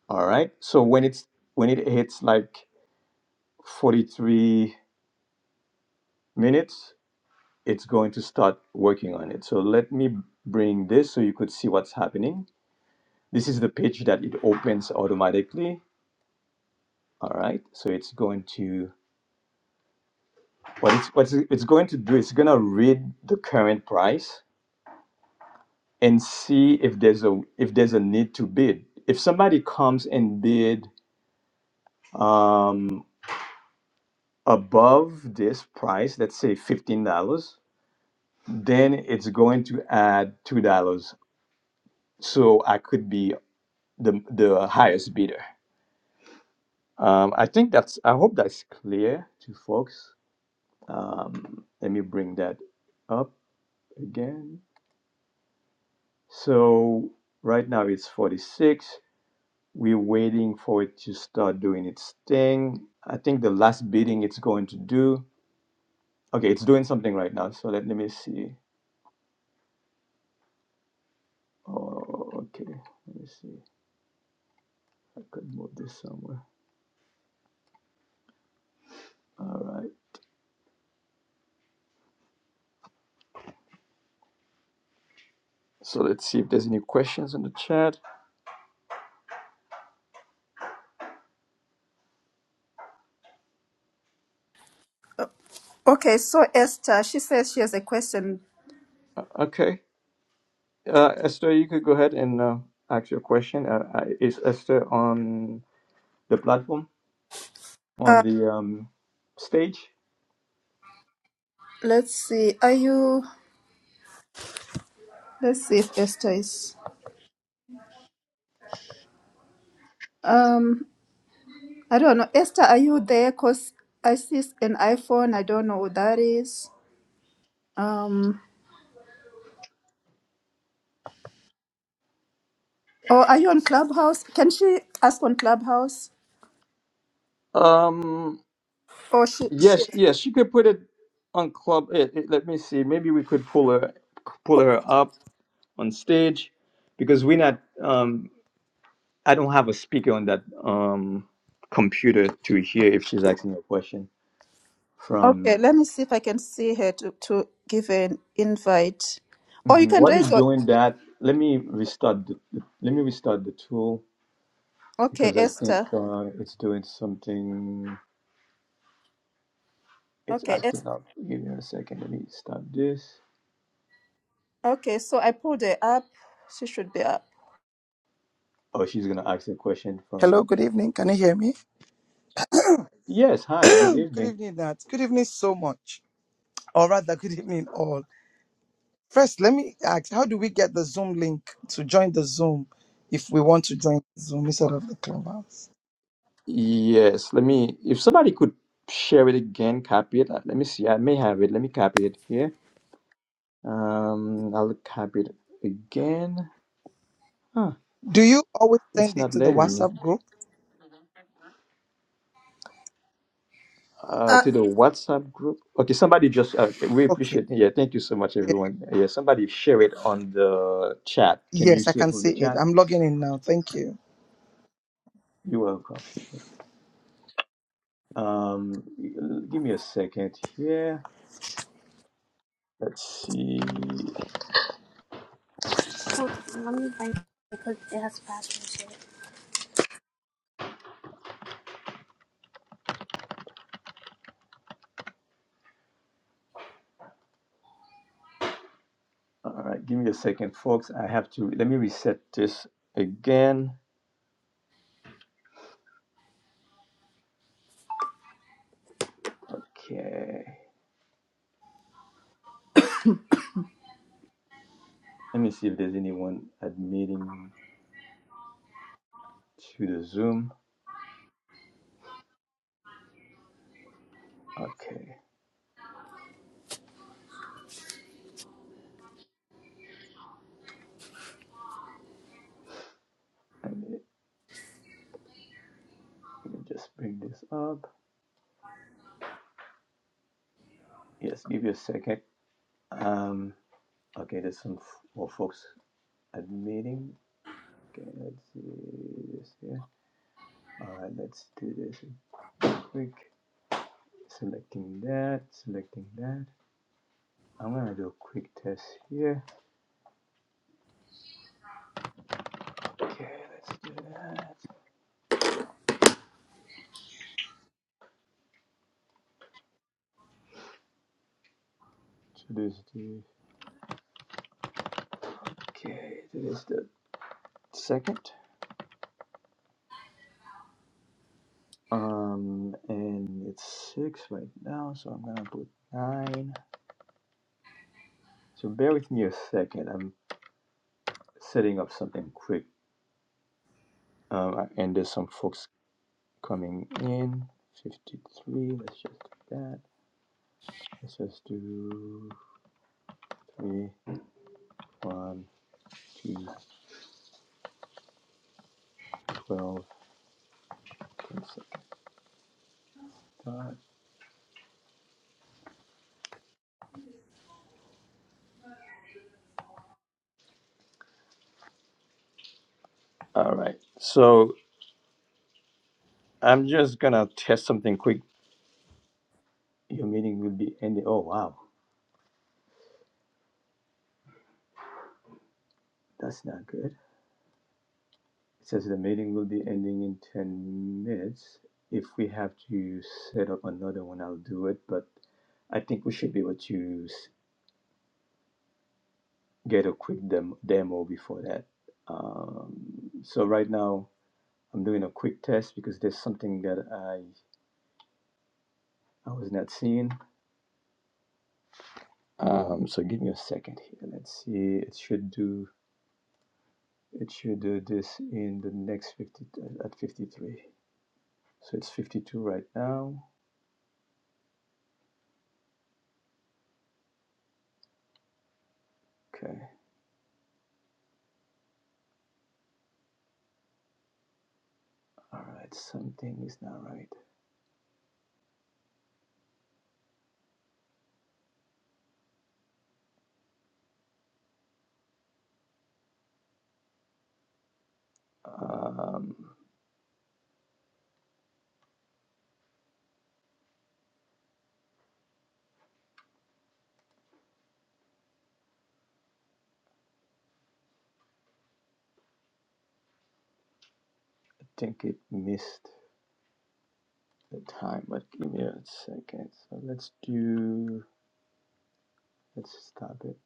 D: All right. So when it's, when it hits like 43 minutes, it's going to start working on it. So let me bring this so you could see what's happening. This is the page that it opens automatically. All right. So it's going to what it's what it's going to do. It's going to read the current price and see if there's a if there's a need to bid. If somebody comes and bid um, above this price, let's say fifteen dollars, then it's going to add two dollars. So I could be the the highest bidder Um, I think that's, I hope that's clear to folks. Um, let me bring that up again. So right now it's 46. We're waiting for it to start doing its thing. I think the last bidding it's going to do. Okay, it's doing something right now. So let, let me see. Oh, okay. Let me see. I could move this somewhere. All right. So let's see if there's any questions in the chat.
G: Okay. So Esther, she says she has a question.
D: Uh, Okay. Uh, Esther, you could go ahead and uh, ask your question. Uh, uh, is Esther on the platform, on
G: Uh,
D: the um, stage?
G: let's see. Are you? Let's see if Esther is. Um, I don't know. Esther, are you there? Cause I see an iPhone. I don't know what that is. Um. Or are you on Clubhouse? Can she ask on Clubhouse?
D: Um,
G: Or she, she
D: yes, yes, you could put it on club. It, it- let me see. Maybe we could pull her, pull her up on stage, because we're not. Um, I don't have a speaker on that um computer to hear if she's asking a question
G: Okay,
D: from.
G: let me see if I can see her to, to give her an invite. Or you
D: Mhm.
G: can
D: While you're
G: raise your
D: doing that, let me restart. The, let me restart the tool.
G: okay,
D: because I think
G: Esther.
D: uh, it's doing something. It's
G: Okay, es-
D: acting up. Give me a second. Let me stop this.
G: okay, so I pulled her up. She should be up.
D: Oh, she's gonna ask a question
H: Hello,
D: from.
H: good evening. Can you hear me?
D: Yes. Hi. Good
H: Good
D: evening.
H: evening, Nat. Good evening so much. Or rather, good evening all. First, let me ask, how do we get the Zoom link to join the Zoom if we want to join the Zoom instead of the Clubhouse?
D: Yes. Let me. If somebody could share it again, copy it. Uh, Let me see. I may have it. Let me copy it here. Um, I'll copy it again. Huh.
H: Do you always
D: It's
H: send it
D: not
H: to the
D: letting me.
H: WhatsApp group?
D: Uh,
G: Uh
D: to the WhatsApp group. Okay. Somebody just. Uh, okay, we
H: Okay.
D: appreciate. Yeah. Thank you so much, everyone. Yeah. Somebody share it on the chat. Can you
H: Yes, I
D: see it
H: can
D: from
H: see
D: the
H: it.
D: chat?
H: I'm logging in now. Thank you.
D: You're welcome. Um, give me a second here. Let's see. All right, give me a second, folks. I have to let me reset this again. Okay. Let me see if there's anyone admitting to the Zoom. Okay. Let me, let me just bring this up. Yes, give you a second. Um, okay, there's some more folks admitting. Okay, let's see this here. All right, let's do this quick. Selecting that, selecting that. I'm gonna do a quick test here. Okay, let's do that. So this is the okay, this is the second. Um and it's six right now, so I'm gonna put nine. So bear with me a second. I'm setting up something quick. Um and there's some folks coming in. 53, let's just do that. Let's just do three, one, two, twelve, ten seconds. All right. So I'm just gonna test something quick. Your meeting will be ending. Oh wow, that's not good. It says the meeting will be ending in ten minutes. If we have to set up another one, I'll do it. But I think we should be able to s- get a quick dem- demo before that. Um, so right now I'm doing a quick test because there's something that I I was not seeing. Um, so give me a second here. Let's see. It should do. It should do this in the next 50 at 53. So it's 52 right now. Okay. All right. Something is not right. Um, I think it missed the time, but give me a second. So let's do. Let's stop it.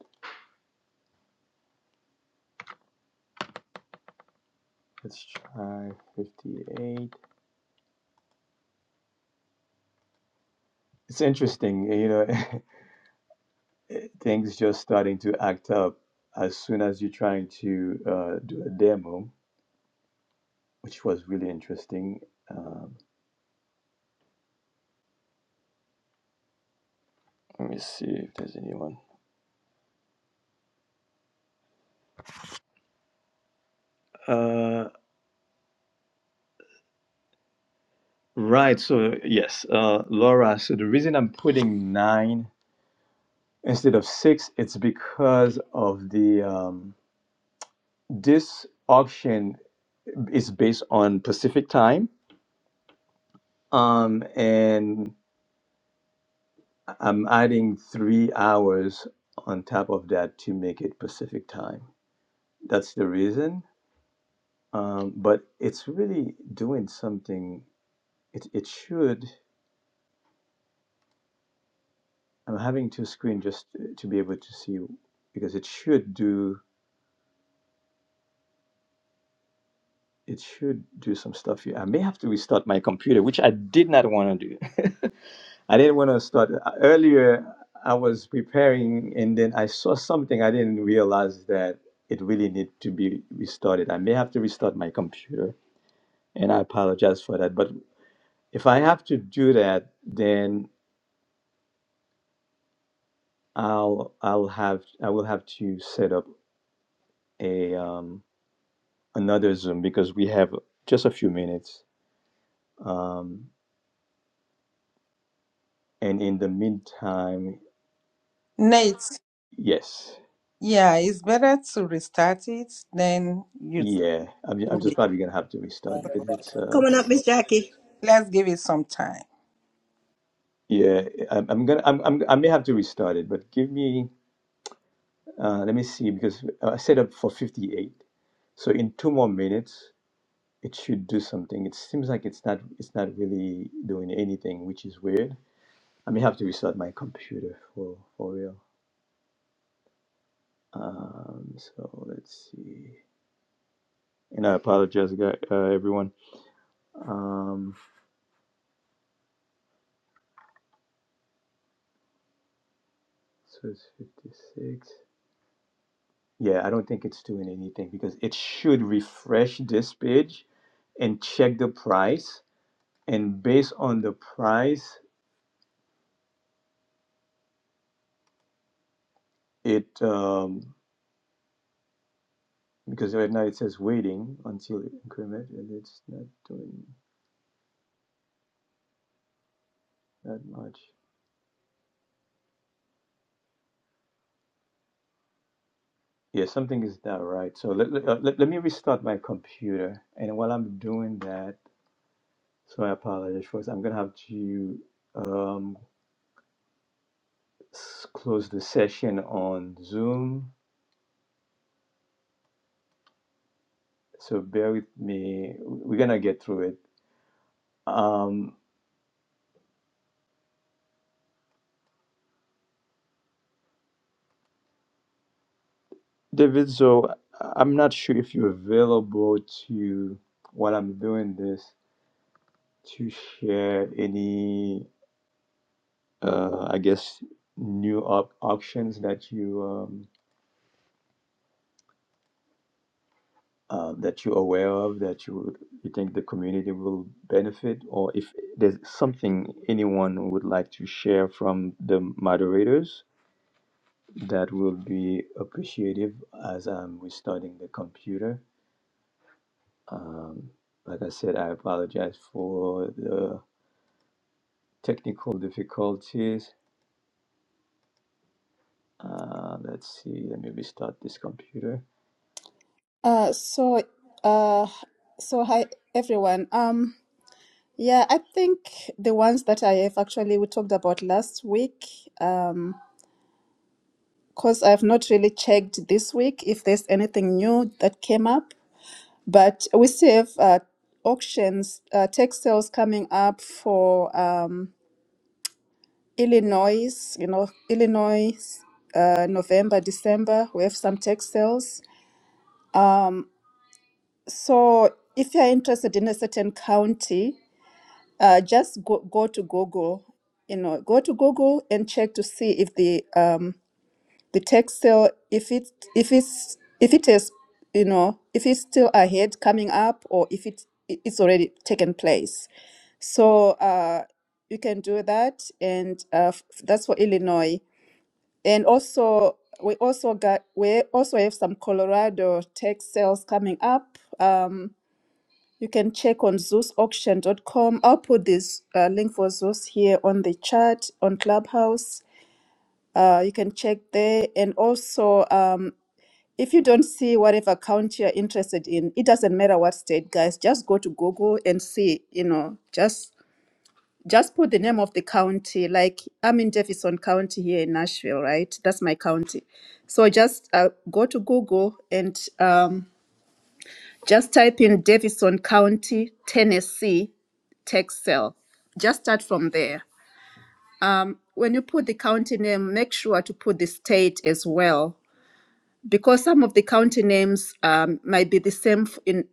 D: Let's try 58. It's interesting, you know, things just starting to act up as soon as you're trying to uh, do a demo, which was really interesting. Um, Let me see if there's anyone. Uh, right. So yes, uh, Laura. So the reason I'm putting nine instead of six, it's because of the um, this auction is based on Pacific time, um, and I'm adding three hours on top of that to make it Pacific time. That's the reason. Um, but it's really doing something. It it should. I'm having two screen just to be able to see because it should do it should do some stuff here. I may have to restart my computer, which I did not want to do. I didn't want to start uh, earlier. I was preparing and then I saw something I didn't realize that it really needed to be restarted. I may have to restart my computer and I apologize for that. But if I have to do that, then I'll I'll have I will have to set up a um, another Zoom because we have just a few minutes. Um, and in the meantime,
I: Nate,
D: yes,
I: yeah, it's better to restart it than you. start
D: yeah, I'm, I'm
I: doing
D: just
I: it.
D: probably gonna have to restart because it's uh,
B: Coming up, Miss Jackie.
I: Let's give it some time.
D: yeah, I'm, I'm gonna I'm, I'm I may have to restart it, but give me uh, let me see because I set up for 58, so in two more minutes it should do something. It seems like it's not it's not really doing anything, which is weird. I may have to restart my computer for for real. Um, so let's see. And I apologize, uh, everyone. Um, so it's 56. Yeah, I don't think it's doing anything because it should refresh this page and check the price. And based on the price, it um, because right now it says waiting until increment, and it's not doing that much. Yeah, something is not right. So let, let, uh, let, let me restart my computer. And while I'm doing that, so I apologize first. I'm gonna have to. Um, s- close the session on Zoom. So bear with me. We're gonna get through it. Um, David, so I'm not sure if you're available to while I'm doing this to share any, uh, I guess, new op- auctions that you um, uh, that you're aware of that you would- you think the community will benefit, or if there's something anyone would like to share from the moderators That will be appreciative as I'm restarting the computer. Um, like I said, I apologize for the technical difficulties. Uh, let's see, let me restart this computer.
G: uh so uh so hi everyone. Um yeah, I think the ones that I have actually we talked about last week, um, because I've not really checked this week if there's anything new that came up. But we still have uh, auctions, uh, tech sales coming up for um, Illinois, you know, Illinois, uh, November, December. We have some tech sales. Um, so if you're interested in a certain county, uh, just go, go to Google, you know, go to Google and check to see if the um, the tech still if it if it's if it is you know if it's still ahead coming up or if it it's already taken place so uh you can do that and uh, f- that's for illinois and also we also got we also have some colorado tech sales coming up um you can check on Zeus Auction dot com. I'll put this uh, link for Zeus here on the chat on Clubhouse. Uh, you can check there. And also, um, if you don't see whatever account you're interested in, it doesn't matter what state, guys. Just go to Google and see, you know, just just put the name of the county. Like I'm in Jefferson County here in Nashville, right? That's my county. So just uh, go to Google and um, just type in Davison County, Tennessee, tax sale. Just start from there. Um, when you put the county name, make sure to put the state as well because some of the county names um, might be the same in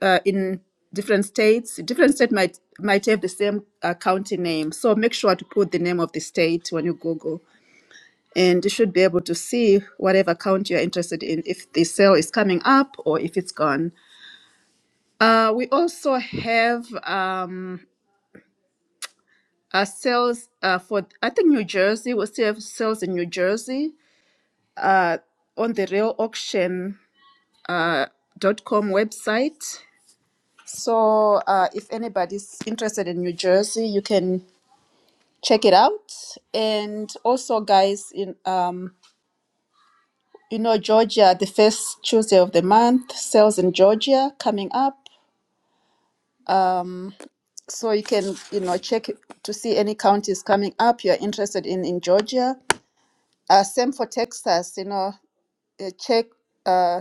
G: uh, in different states. Different state might might have the same uh, county name, so make sure to put the name of the state when you Google, and you should be able to see whatever county you're interested in if the sale is coming up or if it's gone. Uh, we also have um, uh, sales uh, for I think New Jersey. We still have sales in New Jersey uh, on the real auction.com website So, uh, if anybody's interested in New Jersey, you can check it out. And also, guys, in um, you know Georgia, the first Tuesday of the month, sales in Georgia coming up. Um, so you can you know check it to see any counties coming up you're interested in in Georgia. Uh, same for Texas, you know, uh, check. Uh,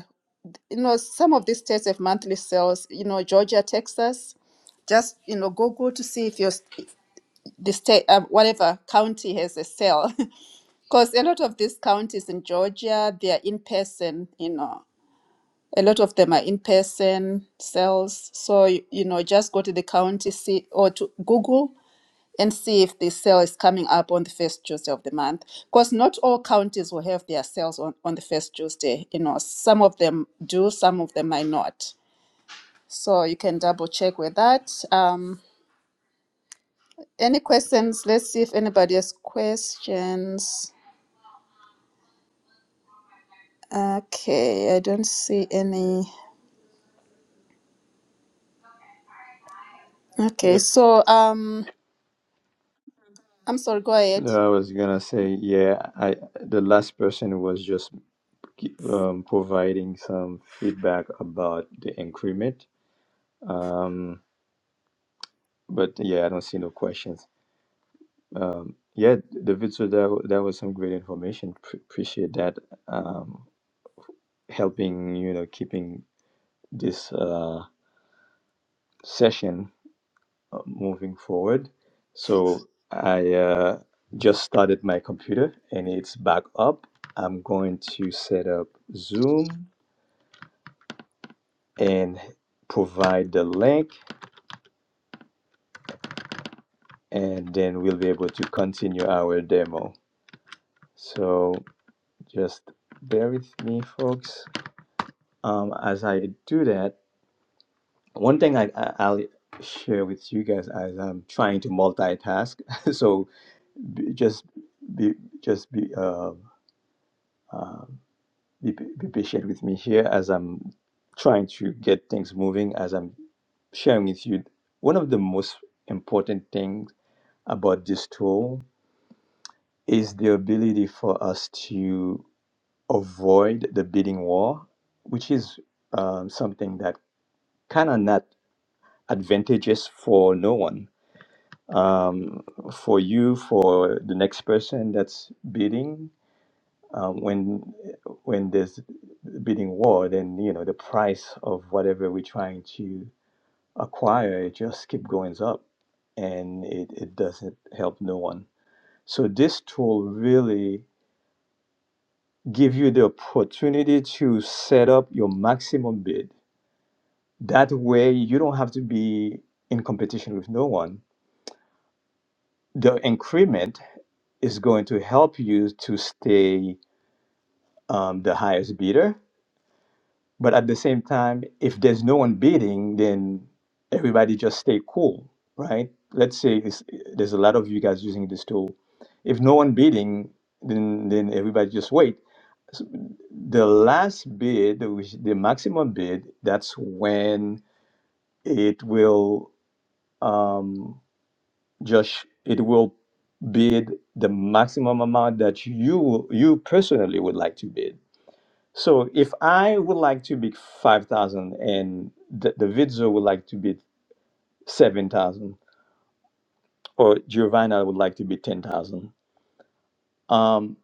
G: you know, some of these states have monthly sales. You know, Georgia, Texas just you know google to see if your the state, uh, whatever county has a cell, because a lot of these counties in Georgia, they are in person, you know, a lot of them are in person cells. So, y- you know, just go to the county see, or to Google and see if the sale is coming up on the first Tuesday of the month. Because not all counties will have their sales on, on the first Tuesday, you know, some of them do, some of them might not. So you can double check with that. Um, any questions? Let's see if anybody has questions. Okay, I don't see any.
D: Yeah,
G: Okay, so um, I'm sorry. Go ahead.
D: no, I was gonna say, yeah, I the last person was just um, providing some feedback about the increment. Um, but yeah, I don't see no questions. Yeah, David, so that, that was some great information. Pre- appreciate that. Um, helping you know keeping this uh, session uh, moving forward. So I uh, just started my computer and it's back up. I'm going to set up Zoom and provide the link, and then we'll be able to continue our demo. So just bear with me, folks. Um, as I do that, one thing I, I- I'll share with you guys as I'm trying to multitask. so be, just be just be um uh, be, be patient with me here as I'm trying to get things moving as I'm sharing with you one of the most important things about this tool is the ability for us to avoid the bidding war which is um, something that kind of not advantageous for no one um, for you for the next person that's bidding um, when when there's bidding war, then you know the price of whatever we're trying to acquire it just keep going up, and it, it doesn't help no one. So this tool really give you the opportunity to set up your maximum bid. That way, you don't have to be in competition with no one. The increment is going to help you to stay um, the highest bidder But at the same time, if there's no one bidding, then everybody just stay cool, right? Let's say it's, there's a lot of you guys using this tool. If no one bidding, then then everybody just wait. S- The last bid, which the maximum bid, that's when it will um, just it will bid the maximum amount that you you personally would like to bid so if I would like to bid 5,000 and the, the would like to bid 7,000 or Giovanna would like to bid 10,000, um,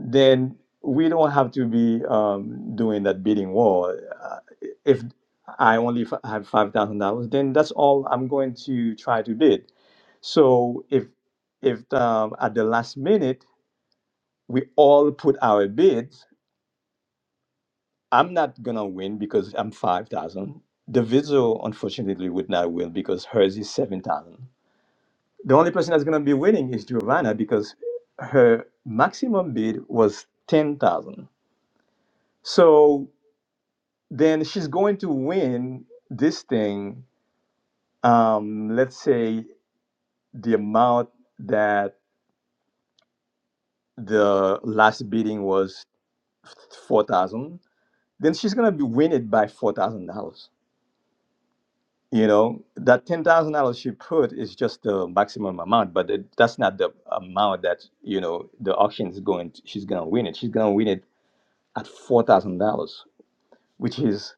D: then we don't have to be um, doing that bidding war. Uh, if I only f- have $5,000, then that's all I'm going to try to bid. So if if um, at the last minute we all put our bids, I'm not gonna win because I'm five thousand. The Diviso unfortunately would not win because hers is seven thousand. The only person that's gonna be winning is Giovanna because her maximum bid was ten thousand. So then she's going to win this thing. Um, let's say the amount that the last bidding was four thousand. Then she's gonna be win it by four thousand dollars You know, that $10,000 she put is just the maximum amount, but it, that's not the amount that, you know, the auction is going to, she's going to win it. She's going to win it at $4,000, which is,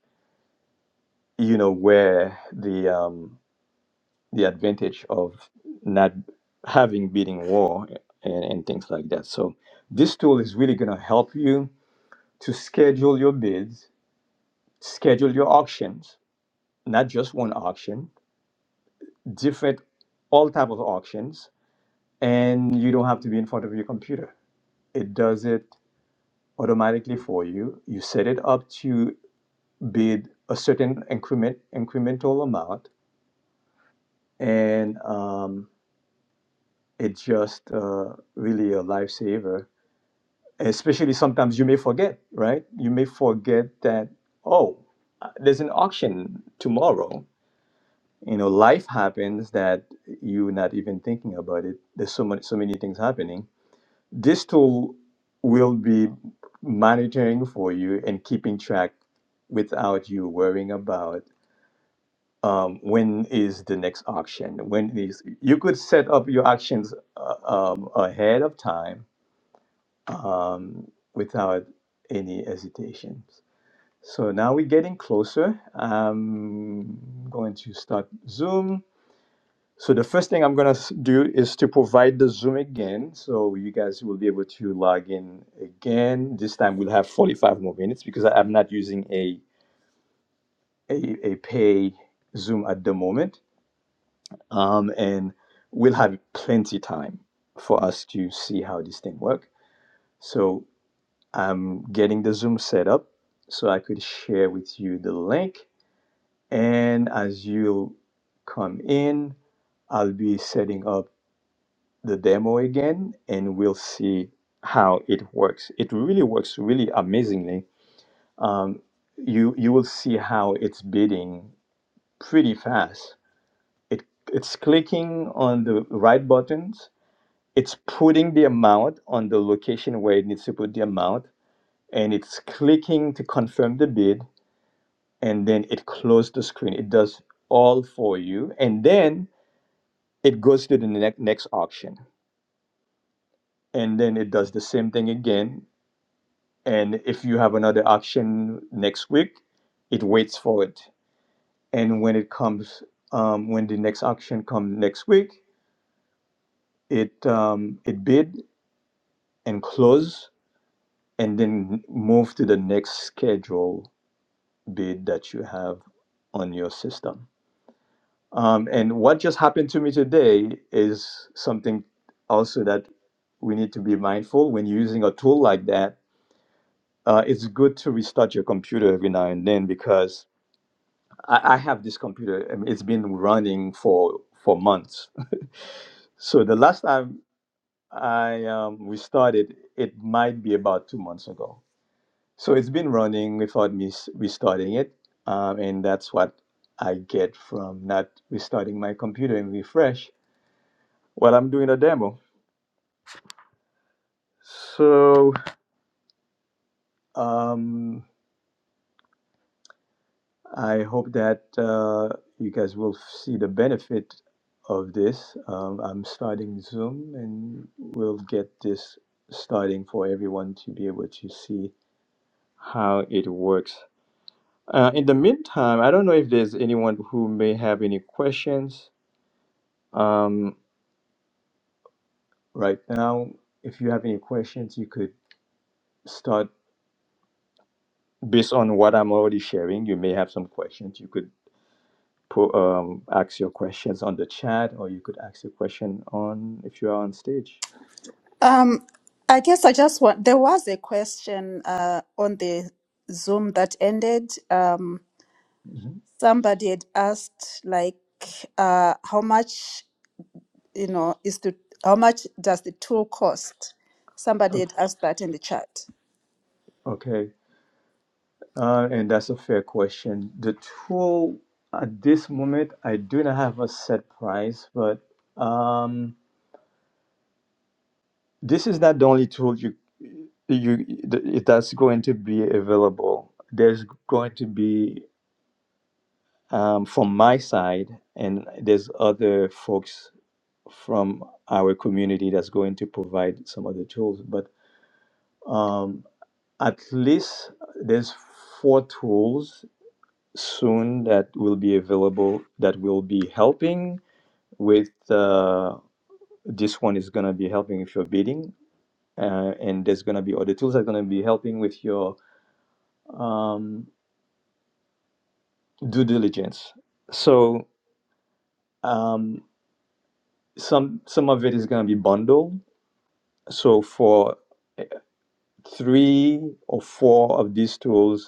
D: you know, where the um, the advantage of not having bidding war and, and things like that. So this tool is really going to help you to schedule your bids, schedule your auctions, not just one auction, different all type of auctions and you don't have to be in front of your computer. It does it automatically for you. You set it up to bid a certain increment incremental amount, and um, it's just uh, really a lifesaver. Especially sometimes you may forget, right? You may forget that oh, uh, there's an auction tomorrow. You know, life happens that you're not even thinking about it. There's so much, so many things happening This tool will be monitoring for you and keeping track without you worrying about um, when is the next auction. When is you could set up your auctions uh, um, ahead of time um, without any hesitations. So now we're getting closer. I'm going to start Zoom. So the first thing I'm gonna do is to provide the Zoom again, so you guys will be able to log in again. This time we'll have 45 more minutes because I- I'm not using a a, a pay Zoom at the moment, um, and we'll have plenty time for us to see how this thing works. So I'm getting the Zoom set up so I could share with you the link, and as you come in, I'll be setting up. the demo again and we'll see how it works. It really works really amazingly. Um, you you will see how it's bidding pretty fast. It it's clicking on the right buttons. It's putting the amount on the location where it needs to put the amount, and it's clicking to confirm the bid, and then it closed the screen. It does all for you, and then it goes to the next next auction and then it does the same thing again and if you have another auction next week it waits for it and when it comes um, when the next auction comes next week it um, it bid and close and then move to the next schedule bid that you have on your system um, and what just happened to me today is something also that we need to be mindful when using a tool like that uh, it's good to restart your computer every now and then because I, I have this computer. I mean, it's been running for for months. So the last time I um, we started, it might be about two months ago. So it's been running without me s- restarting it, um, and that's what I get from not restarting my computer and refresh while I'm doing a demo. So um, I hope that uh, you guys will see the benefit of this. Um, I'm starting Zoom and we'll get this starting for everyone to be able to see how it works. Uh, in the meantime, I don't know if there's anyone who may have any questions. Um, right now, if you have any questions, you could start based on what I'm already sharing. You may have some questions. You could po- um, ask your questions on the chat, or you could ask your question on if you are on stage.
G: Um, I guess I just want. There was a question uh on the Zoom that ended. Um,
D: Mhm.
G: somebody had asked like uh how much you know is the how much does the tool cost? Somebody
D: O-
G: had asked that in the chat.
D: Okay, uh, and that's a fair question. The tool at this moment, I do not have a set price, but um, this is not the only tool you you th- that's going to be available. There's going to be um, from my side, and there's other folks from our community that's going to provide some of the tools, but Um, at least there's four tools soon that will be available that will be helping with uh, this one is going to be helping with your bidding uh, and there's going to be other tools that are going to be helping with your um, due diligence so um, some some of it is going to be bundled so for eh, three or four of these tools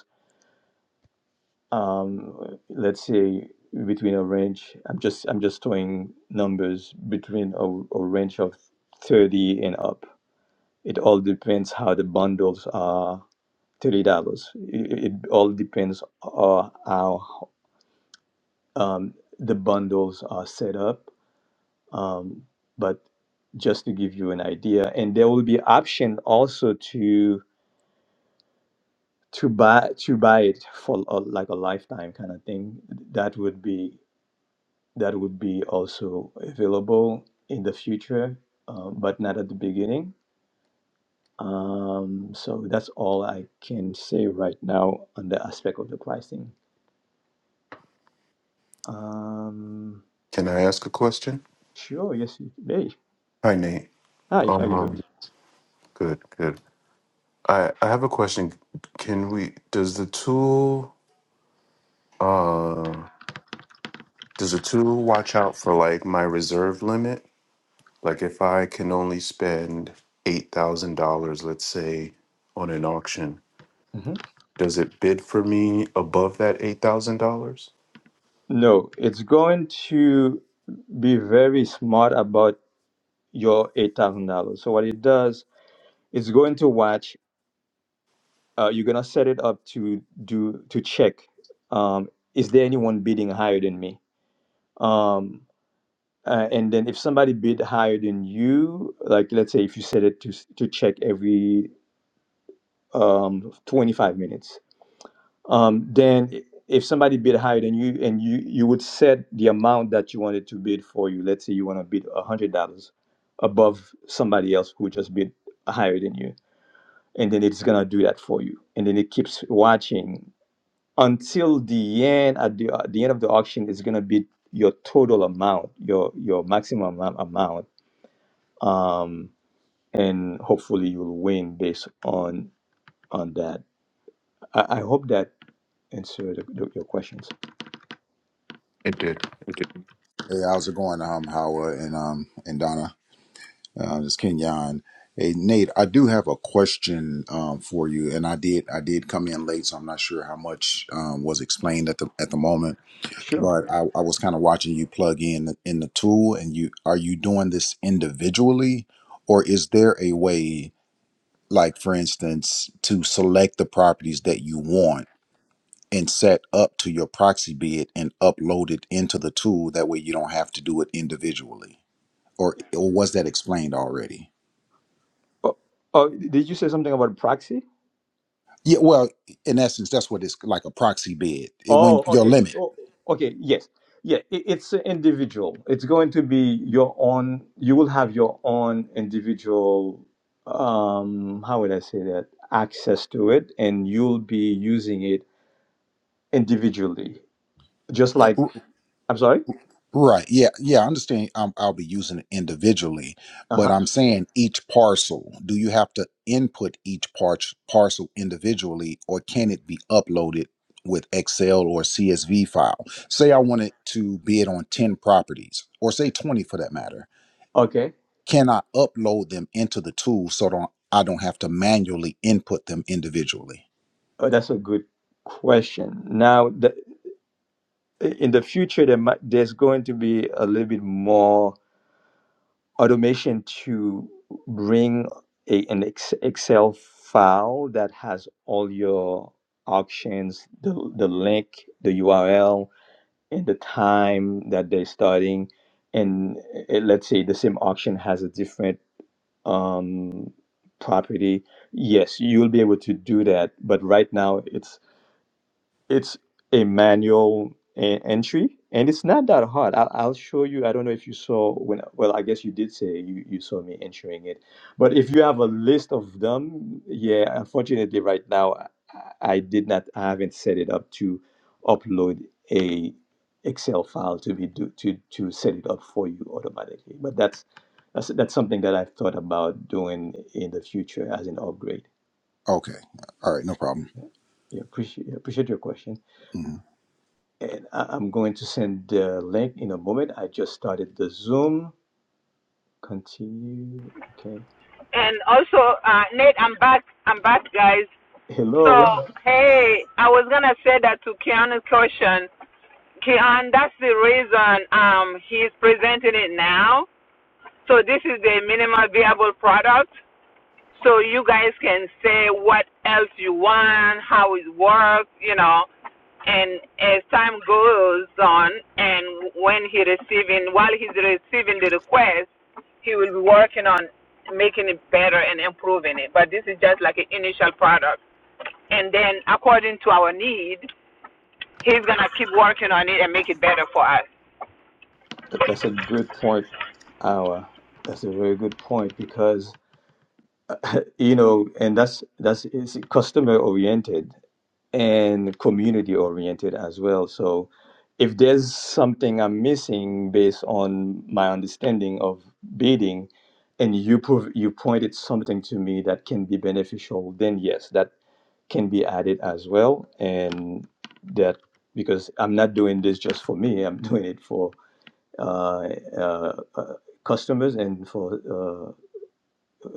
D: um, let's say between a range i'm just i'm just throwing numbers between a, a range of 30 and up it all depends how the bundles are $30 it, it all depends on how um, the bundles are set up um, but just to give you an idea and there will be option also to to buy to buy it for a, like a lifetime kind of thing that would be that would be also available in the future, um, but not at the beginning. Um, so that's all I can say right now on the aspect of the pricing. Um,
J: Can I ask a question?
D: sure, yes, you may.
J: Hi, Nate.
D: Hi, how
J: Um,
D: you doing?
J: um, good, good. I I have a question. Can we? Does the tool uh does the tool watch out for like my reserve limit? Like if I can only spend eight thousand dollars, let's say, on an auction,
D: hmm
J: does it bid for me above that eight thousand dollars?
D: No, it's going to be very smart about your eight thousand dollars. So what it does, it's going to watch. Uh, you're gonna set it up to do to check. Um, is there anyone bidding higher than me? Um, Uh, and then if somebody bid higher than you, like let's say if you set it to s- to check every um, 25 minutes, um, then i- if somebody bid higher than you and you you would set the amount that you wanted to bid for you. Let's say you want to bid $100 above somebody else who just bid higher than you, and then it's gonna do that for you. And then it keeps watching until the end. At the uh, the end of the auction, it's gonna bid your total amount, your your maximum amou- amount um, and hopefully you'll win based on on that. I, I hope that answered the, the- your questions.
J: It did. It did.
K: Hey, how's it going, um, Howard and um and Donna? Uh, this is Kenyon. Hey, Nate, I do have a question um for you, and I did I did come in late, so I'm not sure how much um was explained at the at the moment.
D: Sure.
K: But I, I was kind of watching you plug in in the tool, and you are you doing this individually, or is there a way, like for instance, to select the properties that you want? and set up to your proxy bid and upload it into the tool that way you don't have to do it individually or or was that explained already?
D: Oh, oh, did you say something about proxy?
K: Yeah, well, in essence, that's what it's like a proxy bid. It, when
D: Oh,
K: your
D: okay.
K: limit,
D: Oh, okay. Yes. Yeah. It, it's individual. It's going to be your own. You will have your own individual. Um, how would I say that? Access to it, and you'll be using it individually, just like. I'm sorry.
K: right? Yeah, yeah, I understand. Um, I'll be using it individually,
D: Uh
K: but
D: huh.
K: I'm saying each parcel. Do you have to input each part parcel individually, or can it be uploaded with Excel or CSV file? Say I wanted to bid on ten properties, or say twenty for that matter.
D: Okay.
K: Can I upload them into the tool so don't I don't have to manually input them individually?
D: Oh, that's a good question. Now, the, in the future, there might, there's going to be a little bit more automation to bring a, an ex- Excel file that has all your options, the, the link, the URL, and the time that they're starting. And eh, let's say the same auction has a different um, property. Yes, you'll be able to do that. But right now, it's it's a manual e- entry and it's not that hard I'll, I'll show you i don't know if you saw when well i guess you did say you, you saw me entering it but if you have a list of them yeah unfortunately right now i, I did not i haven't set it up to upload a excel file to be do, to to set it up for you automatically but that's that's that's something that i've thought about doing in the future as an upgrade
K: Okay. All right. No problem.
D: yeah appreciate appreciate your question
K: hmm
D: And I- I'm going to send the link in a moment. I just started the Zoom. Continue. Okay.
A: And also, uh, Nate, I'm back. I'm back, guys. So,
D: Hello.
A: hey, I was gonna say that to Keanu's question. Keanu, that's the reason um, he's presenting it now. So this is the minimal viable product. so you guys can say what else you want, how it works, you know. And as time goes on, and when he receiving, while he's receiving the request, he will be working on making it better and improving it. But this is just like an initial product, and then according to our need, he's gonna keep working on it and make it better for us.
D: Th- That's a good point, Awa. That's a very good point because you know, and that's that's it's customer oriented. and community oriented as well. So if there's something I'm missing based on my understanding of bidding and you prov- you pointed something to me that can be beneficial, then yes, that can be added as well. And that because I'm not doing this just for me, I'm doing it for uh, uh, uh, customers and for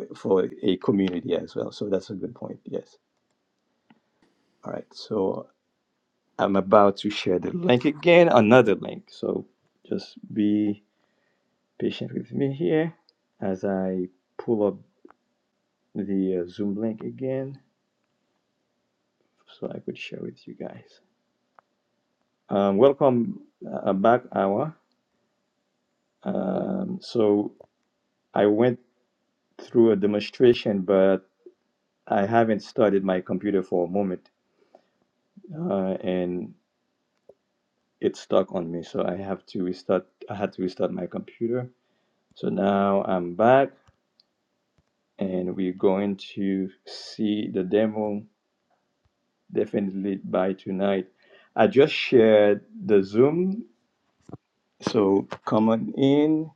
D: uh, for a community as well. So that's a good point. Yes. All right. So I'm about to share the link again, another link. So just be patient with me here as I pull up the uh, Zoom link again so I could share with you guys. Um, welcome uh, back, Awa. Um, so I went through a demonstration, but I haven't started my computer for a moment uh, and it stuck on me. So I have to restart, I had to restart my computer. So now I'm back and we're going to see the demo definitely by tonight. I just shared the Zoom, so come on in.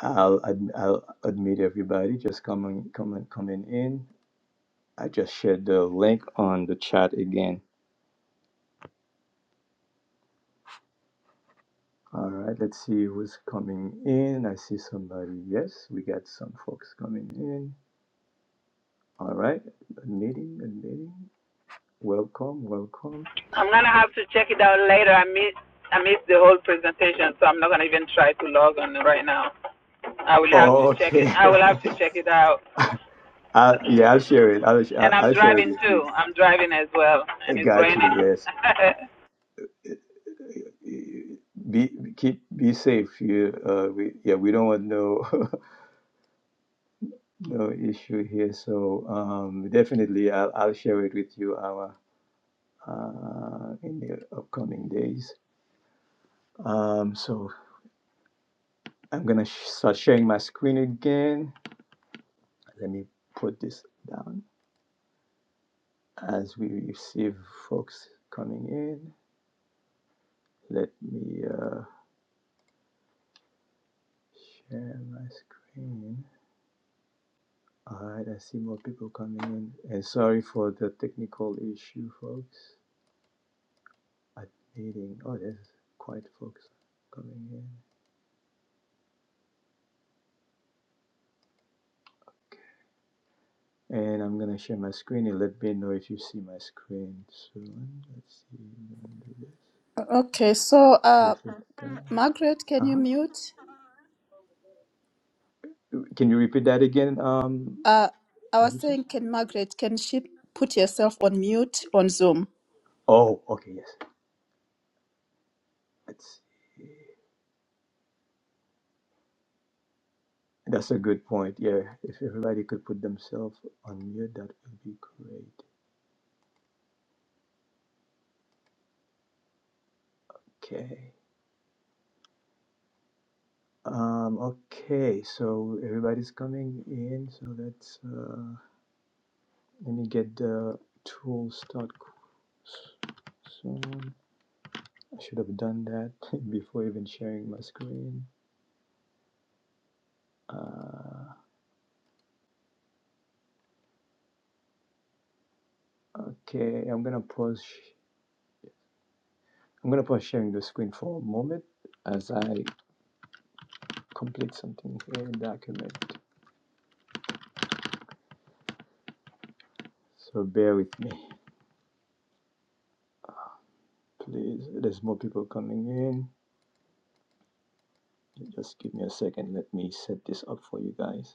D: I'll ad- I'll admit everybody. Just come on, come on, come on in. I just shared the link on the chat again. All right, let's see who's coming in. I see somebody. Yes, we got some folks coming in. All right, admitting, admitting. Welcome, welcome.
A: I'm gonna have to check it out later. I missed I missed the whole presentation, so I'm not gonna even try to log on right now. I will have to check it.
D: Okay.
A: I will have to check it out.
D: I, yeah, I'll share it. I'll, sh- I'll
A: And I'm
D: I'll share it
A: driving
D: with you.
A: too. I'm driving as well, and
D: I
A: it's
D: got
A: raining.
D: you. Yes. Be keep be safe. You uh we yeah we don't want no no issue here. So um definitely I'll I'll share it with you our uh in the upcoming days. Um so I'm gonna sh- start sharing my screen again. Let me put this down as we receive folks coming in. Let me uh share my screen. All right, I see more people coming in. And sorry for the technical issue, folks. I'm meeting. Oh, there's quite folks coming in. Okay. And I'm gonna share my screen and let me know if you see my screen soon. Let's see. I'm gonna do
G: Okay, so
D: this.
G: uh, Margaret, can you
D: Uh-huh.
G: mute?
D: Can you repeat that again? Um,
G: Uh, I
D: let
G: was
D: me see.
G: saying, can Margaret, can she put herself on mute on Zoom?
D: Oh, okay, yes. Let's see. That's a good point. Yeah, if everybody could put themselves on mute, that would be great. Okay. Um, okay, so everybody's coming in, so let's uh, let me get the tool start qu- soon. I should have done that before even sharing my screen. Uh, okay, I'm gonna pause. sh- I'm gonna pause sharing the screen for a moment as I complete something here in document. So bear with me, please. There's more people coming in. Just give me a second. Let me set this up for you guys.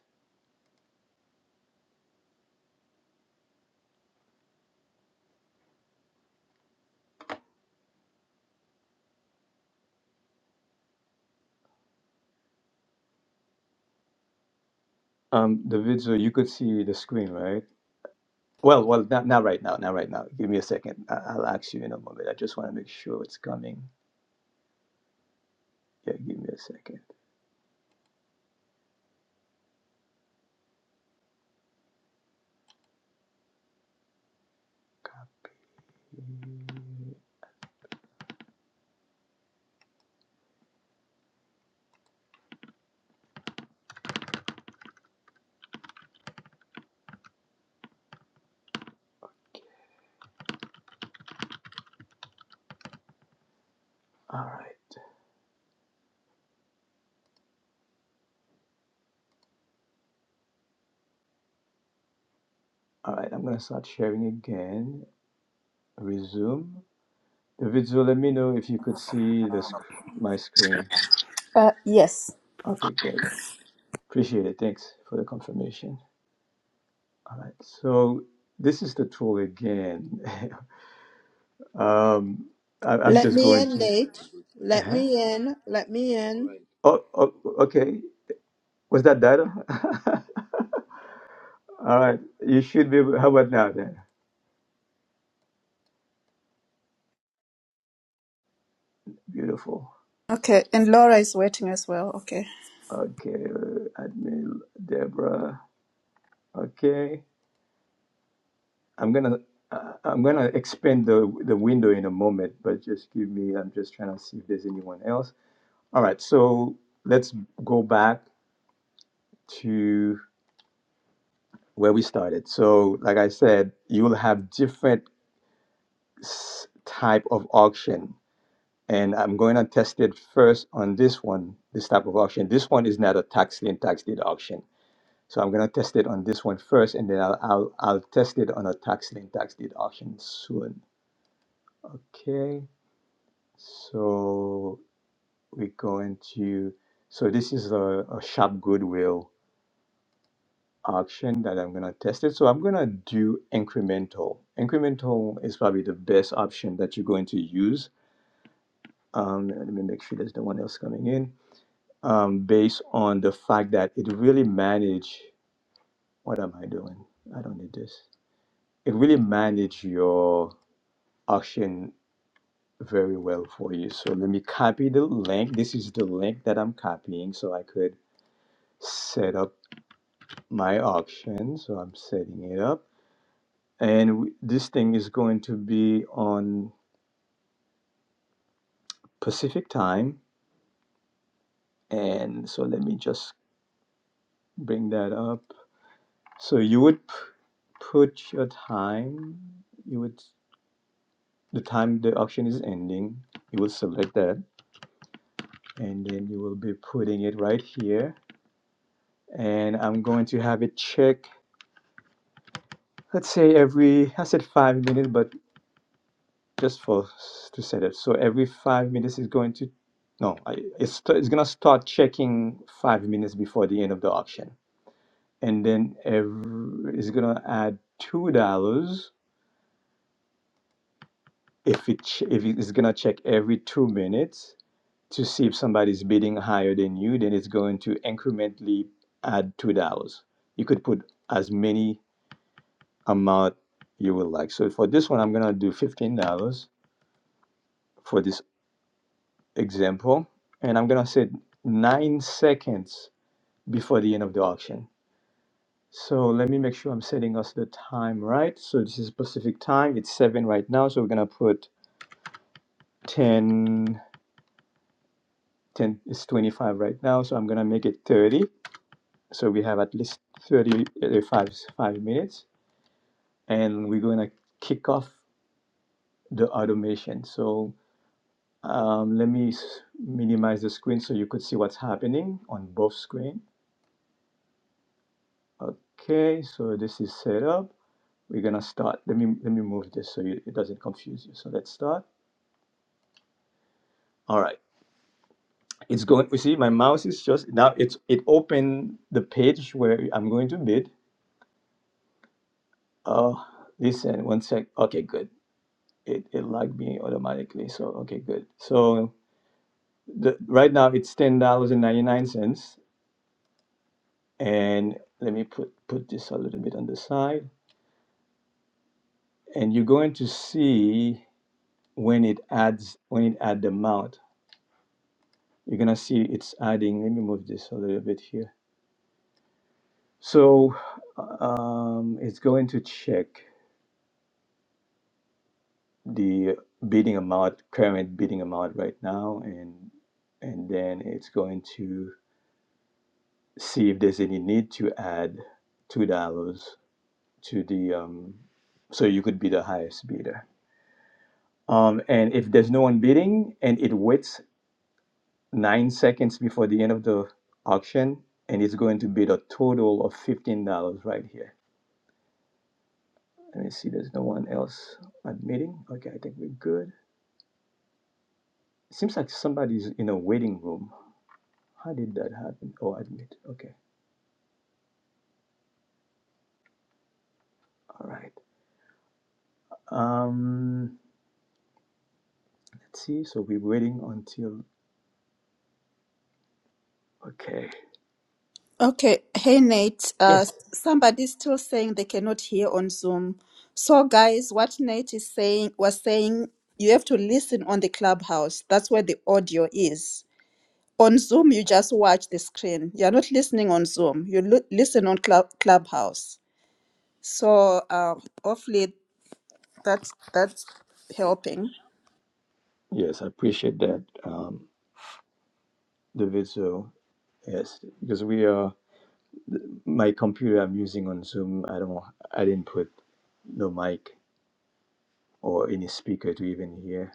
D: Um, David, so you could see the screen, right? Well, well, not, not right now, not right now. Give me a second. I, I'll ask you in a moment. I just want to make sure it's coming. Yeah, give me a second. Copy. All right, all right. I'm gonna start sharing again. Resume. David, so let me know if you could see the sc- my screen.
G: Uh, yes.
D: Okay, good. Appreciate it. Thanks for the confirmation. All right. So this is the tool again. um, I, I'm
B: Let
D: just
B: me
D: going
B: in,
D: to.
B: Nate. Let
D: Uh-huh.
B: me in. Let me in.
D: Oh, oh, okay. Was that better? All right. You should be. How about now then? Beautiful.
G: Okay, and Laura is waiting as well. Okay.
D: Okay. uh, Admin Deborah. Okay. I'm gonna. Uh, I'm gonna expand the the window in a moment, but just give me. I'm just trying to see if there's anyone else. All right. So let's go back to where we started. So, like I said, you'll have different s- type of auction and I'm going to test it first on this one, this type of auction. This one is not a tax lien tax deed auction, so I'm going to test it on this one first, and then I'll I'll, I'll test it on a tax lien tax deed auction soon. Okay, so we're going to so this is a, a sharp goodwill auction that I'm going to test it. So I'm going to do incremental. Incremental is probably the best option that you're going to use. Um, let me make sure there's no one else coming in. um, based on the fact that it really manage what am I doing? I don't need this. It really manage your auction very well for you. So let me copy the link. This is the link that I'm copying so I could set up my auction. So I'm setting it up. And w- this thing is going to be on Pacific time. And so let me just bring that up. So you would p- put your time, you would the time the auction is ending you will select that and then you will be putting it right here and i'm going to have it check let's say every i said five minutes but just for to set it so every five minutes is going to no I, it's, it's going to start checking five minutes before the end of the auction and then every, it's going to add two dollars if it ch- if it's going to check every two minutes to see if somebody's bidding higher than you, then it's going to incrementally add two dollars. You could put as many amount you would like. So for this one, I'm gonna do fifteen dollars for this example, and I'm gonna set nine seconds before the end of the auction. So let me make sure I'm setting us the time right. So this is Pacific time. It's seven right now. So we're gonna put 10, 10 it's 25 right now. So I'm gonna make it 30. So we have at least 30 uh, five, minutes and we're going to kick off the automation. So um, let me minimize the screen so you could see what's happening on both screen. Okay, so this is set up. We're gonna start. Let me let me move this so you, it doesn't confuse you. So let's start. All right, it's going. You see, my mouse is just now. It's it opened the page where I'm going to bid. Oh, listen, one sec. Okay, good. it it logged me automatically. So okay, good. So the right now it's ten dollars and ninety nine cents, and let me put put this a little bit on the side, and you're going to see when it adds when it add the amount. You're gonna see it's adding. Let me move this a little bit here. So um, it's going to check the bidding amount, current bidding amount right now, and and then it's going to see if there's any need to add two dollars to the um, so you could be the highest bidder. Um, and if there's no one bidding and it waits nine seconds before the end of the auction and it's going to bid a total of fifteen dollars right here. Let me see, there's no one else admitting. Okay, I think we're good. It seems like somebody's in a waiting room. How did that happen? Oh, admit. Okay, all right. Um, let's see. So we're waiting until. Okay.
G: Okay. Hey, Nate. Uh,
D: Yes.
G: somebody's still saying they cannot hear on Zoom. So, guys, what Nate is saying was saying you have to listen on the clubhouse. That's where the audio is. On Zoom, you just watch the screen. You're not listening on Zoom. You lo- listen on club- clubhouse. So, uh, hopefully, that's that's helping.
D: Yes, I appreciate that, um, David. So yes, because we are my computer I'm using on Zoom. I don't. I didn't put no mic or any speaker to even hear.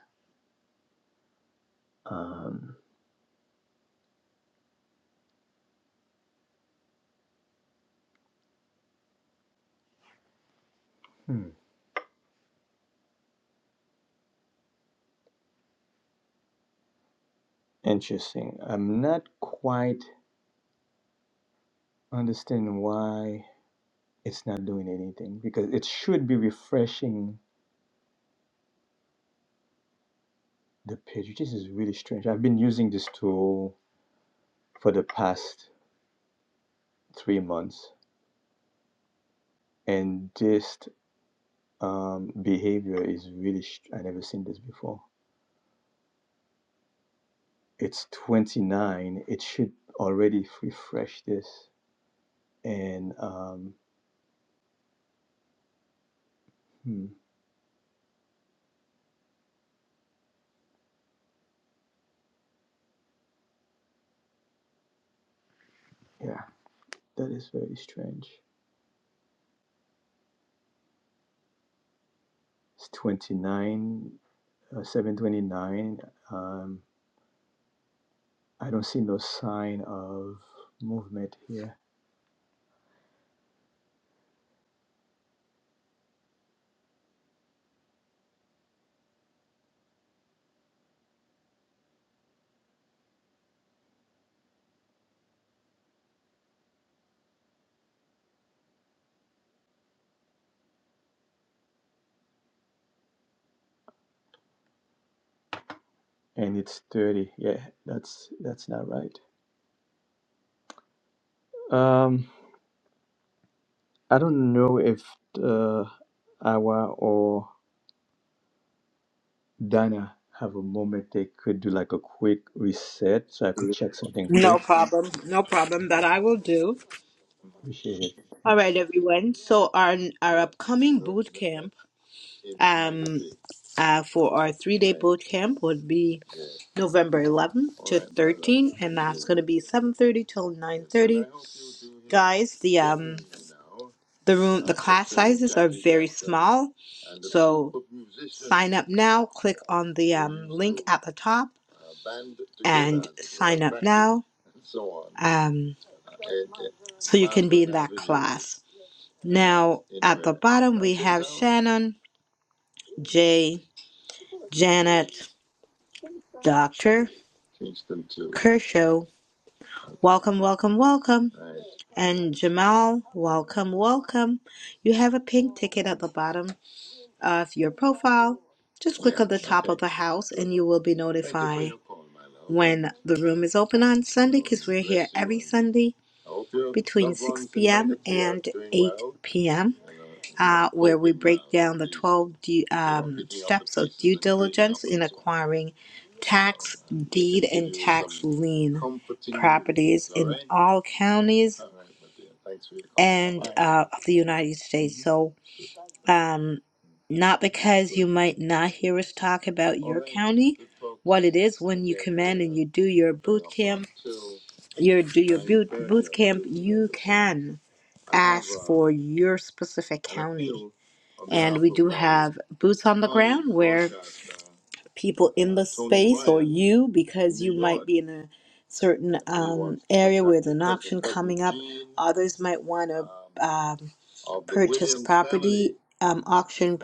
D: Um, hmm, Interesting. I'm not quite understanding why it's not doing anything because it should be refreshing the page. This is really strange. I've been using this tool for the past three months, and this Um, behavior is really, sh- I never seen this before. It's 29. It should already refresh this. And um, hmm, yeah, that is very strange. It's 29, uh, 729. Um, I don't see no sign of movement here. And it's 30. Yeah, that's that's not right. Um, I don't know if the hour or Dana, have a moment they could do like a quick reset so I could check something quick?
B: No problem. No problem. That I will do.
D: Appreciate it.
B: All
D: Thanks.
B: right, everyone. So our our upcoming boot camp uh, for our three day boot camp would be November 11th, and that's going to be 7:30 till 9. Guys, the uh, the room all so sign up now. Click on the at the top. Um, so now at the bottom Shannon, Jay, Janet, Doctor. Kershaw, welcome, welcome, welcome. And Jamal, welcome, welcome. You have a pink ticket at the bottom of your profile. Just the house and you will be notified when the room is open on Sunday, Sunday p.m. All the uh, acquiring tax lien all counties uh, of the United States. So, um, not because you might not hear us talk about your county, you do your your for your specific boots on people you because in a certain uh, others might want to um, um, auction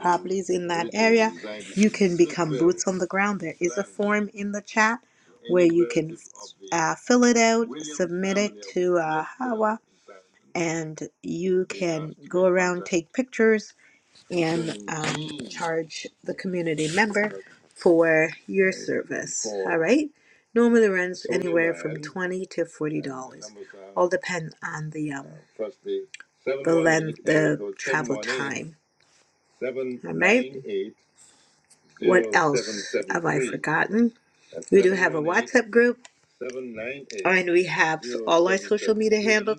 B: the ground. There is form in the chat. Uh, fill it out, and you go take pictures. Charge the community for your service. Right? Normally runs twenty to forty. All depend on the um, gotten tip group. And we have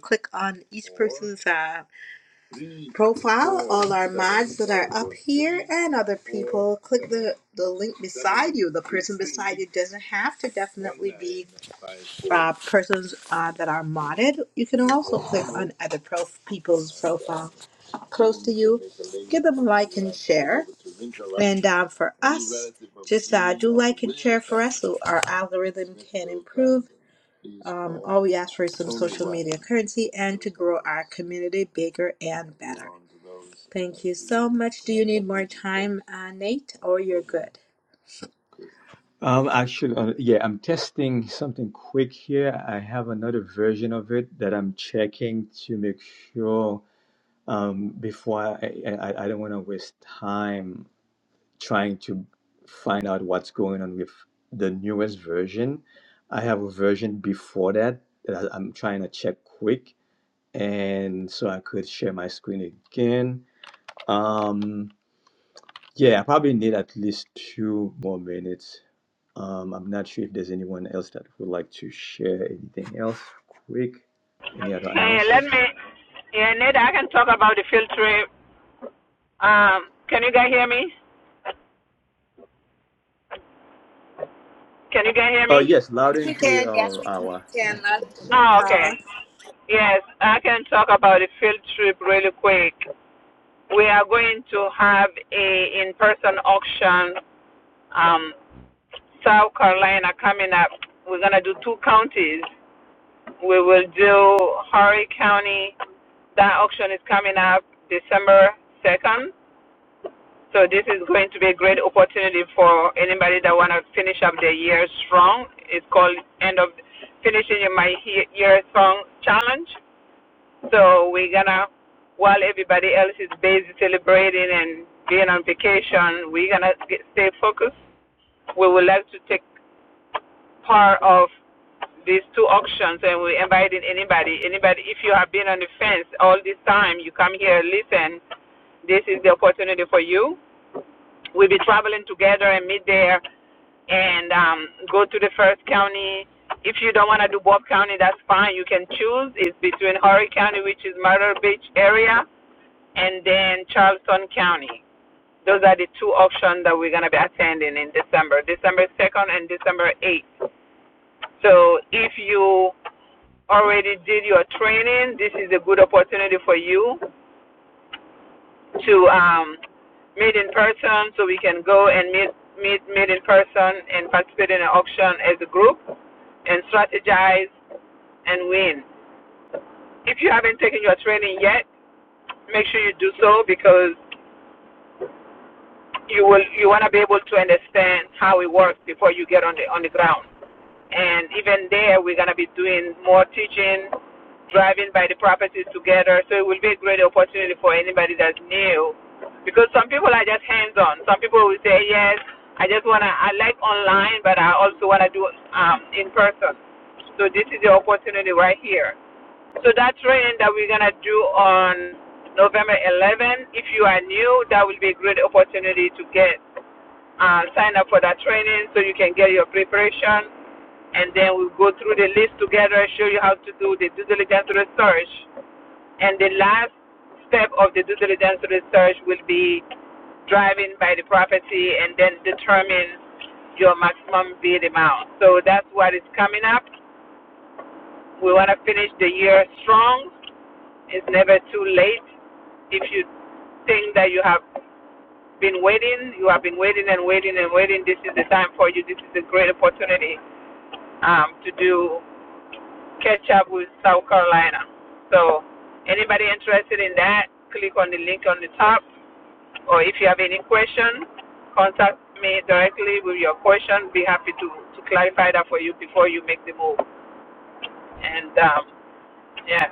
B: click on each uh, profile, and other people click the link. It doesn't have to be persons uh, that are modded. You can other pro- people do, give them a like and share. And uh, for us, uh, do like and for us so our algorithm can improve. Um, all we ask for is some social media currency and to grow our community bigger and better. Thank you so much. Do you need more time, uh, Nate, or you're good?
D: Um, actually, uh, yeah, I'm testing something quick here. I have another version of it that I'm checking to make sure um, before I, I, I I don't want to waste time trying to find out what's going on with the newest version. I have a version before that that I- I'm trying to check quick. And so I could share my screen again. Um, yeah, I probably need at least two more minutes. Um, I'm not sure if there's anyone else that would like to share anything else quick. Any other
A: hey, let
D: announcement?
A: me. Yeah, Ned, I can talk about the field trip. Um, can you guys hear me? Can you guys hear
D: Oh,
A: me?
D: yes, loud
B: Yes, we
D: and clear,
B: can. Yes,
D: uh,
B: we
D: Awa.
B: can. Loud and clear,
A: Oh, okay.
B: huh?
A: Yes, I can talk about the field trip really quick. We are going to have a in-person auction Um, South Carolina coming up. We're gonna do two counties. We will do Horry County. That auction is coming up December second. So this is going to be a great opportunity for anybody that wanna finish up their year strong. It's called end of finishing my year strong challenge. So we're gonna, while everybody else is busy celebrating and being on vacation, we're gonna stay focused. We would like to take part of these two auctions, and we're inviting anybody. Anybody, if you have been on the fence all this time, you come here, listen. This is the opportunity for you. We'll be traveling together and meet there and um, go to the first county. If you don't want to do Bob County, that's fine. You can choose. It's between Horry County, which is Myrtle Beach area, and then Charleston County. Those are the two options that we're going to be attending in December, December 2nd and December 8th. So if you already did your training, this is a good opportunity for you to um, meet in person so we can go and meet, meet, meet in person and participate in an auction as a group and strategize and win. If you haven't taken your training yet, make sure you do so because you will you want to be able to understand how it works before you get on the on the ground. And even there, we're going to be doing more teaching, driving by the properties together. So it will be a great opportunity for anybody that's new, because some people are just hands on. Some people will say, yes, I just want to I like online, but I also want to do um, in person. So this is the opportunity right here. So that training that we're gonna do on November 11, if you are new, that will be a great opportunity to get uh, sign up for that training so you can get your preparation. And then we'll go through the list together, show you how to do the due diligence research. And the last step of the due diligence research will be driving by the property and then determine your maximum bid amount. So that's what is coming up. We want to finish the year strong. It's never too late. If you think that you have been waiting, you have been waiting and waiting and waiting, this is the time for you. This is a great opportunity um, to do catch up with South Carolina. So, anybody interested in that, click on the link on the top. Or if you have any question, contact me directly with your question. Be happy to, to clarify that for you before you make the move. And um, yeah,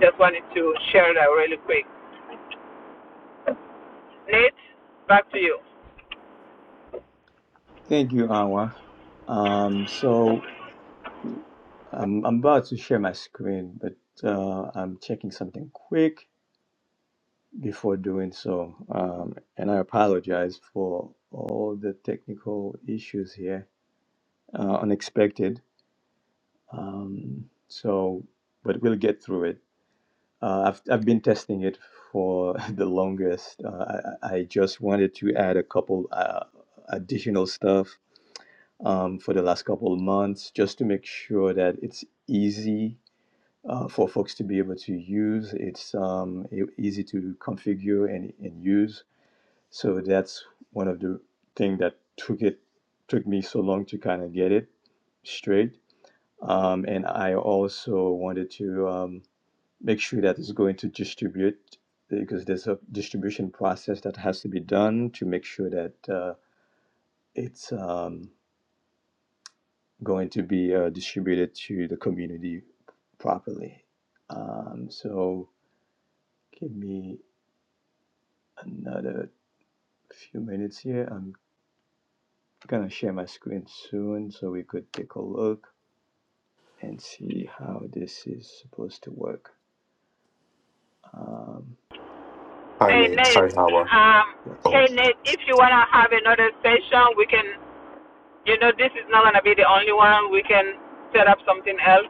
A: just wanted to share that really quick. Nate, back to you.
D: Thank you, Awa. Um, so I'm, I'm about to share my screen, but uh, I'm checking something quick before doing so. Um, and I apologize for all the technical issues here, uh, unexpected. Um, so, but we'll get through it. Uh, I've I've been testing it for the longest. Uh, I, I just wanted to add a couple uh, additional stuff um, for the last couple of months, just to make sure that it's easy uh, for folks to be able to use. It's um, e- easy to configure and, and use. So that's one of the thing that took it took me so long to kind of get it straight um, and I also wanted to um, make sure that it's going to distribute because there's a distribution process that has to be done to make sure that uh, it's um, going to be uh, distributed to the community properly. Um, so give me another few minutes here. I'm gonna share my screen soon so we could take a look and see how this is supposed to work. Um,
J: Hi,
A: Hey
J: Nate.
A: Nate,
J: Hi, Hawa.
A: um,
D: yes.
J: Oh,
A: hey Nate, if you wanna have another session, we can. You know, this is not gonna be the only one. We can set up something else.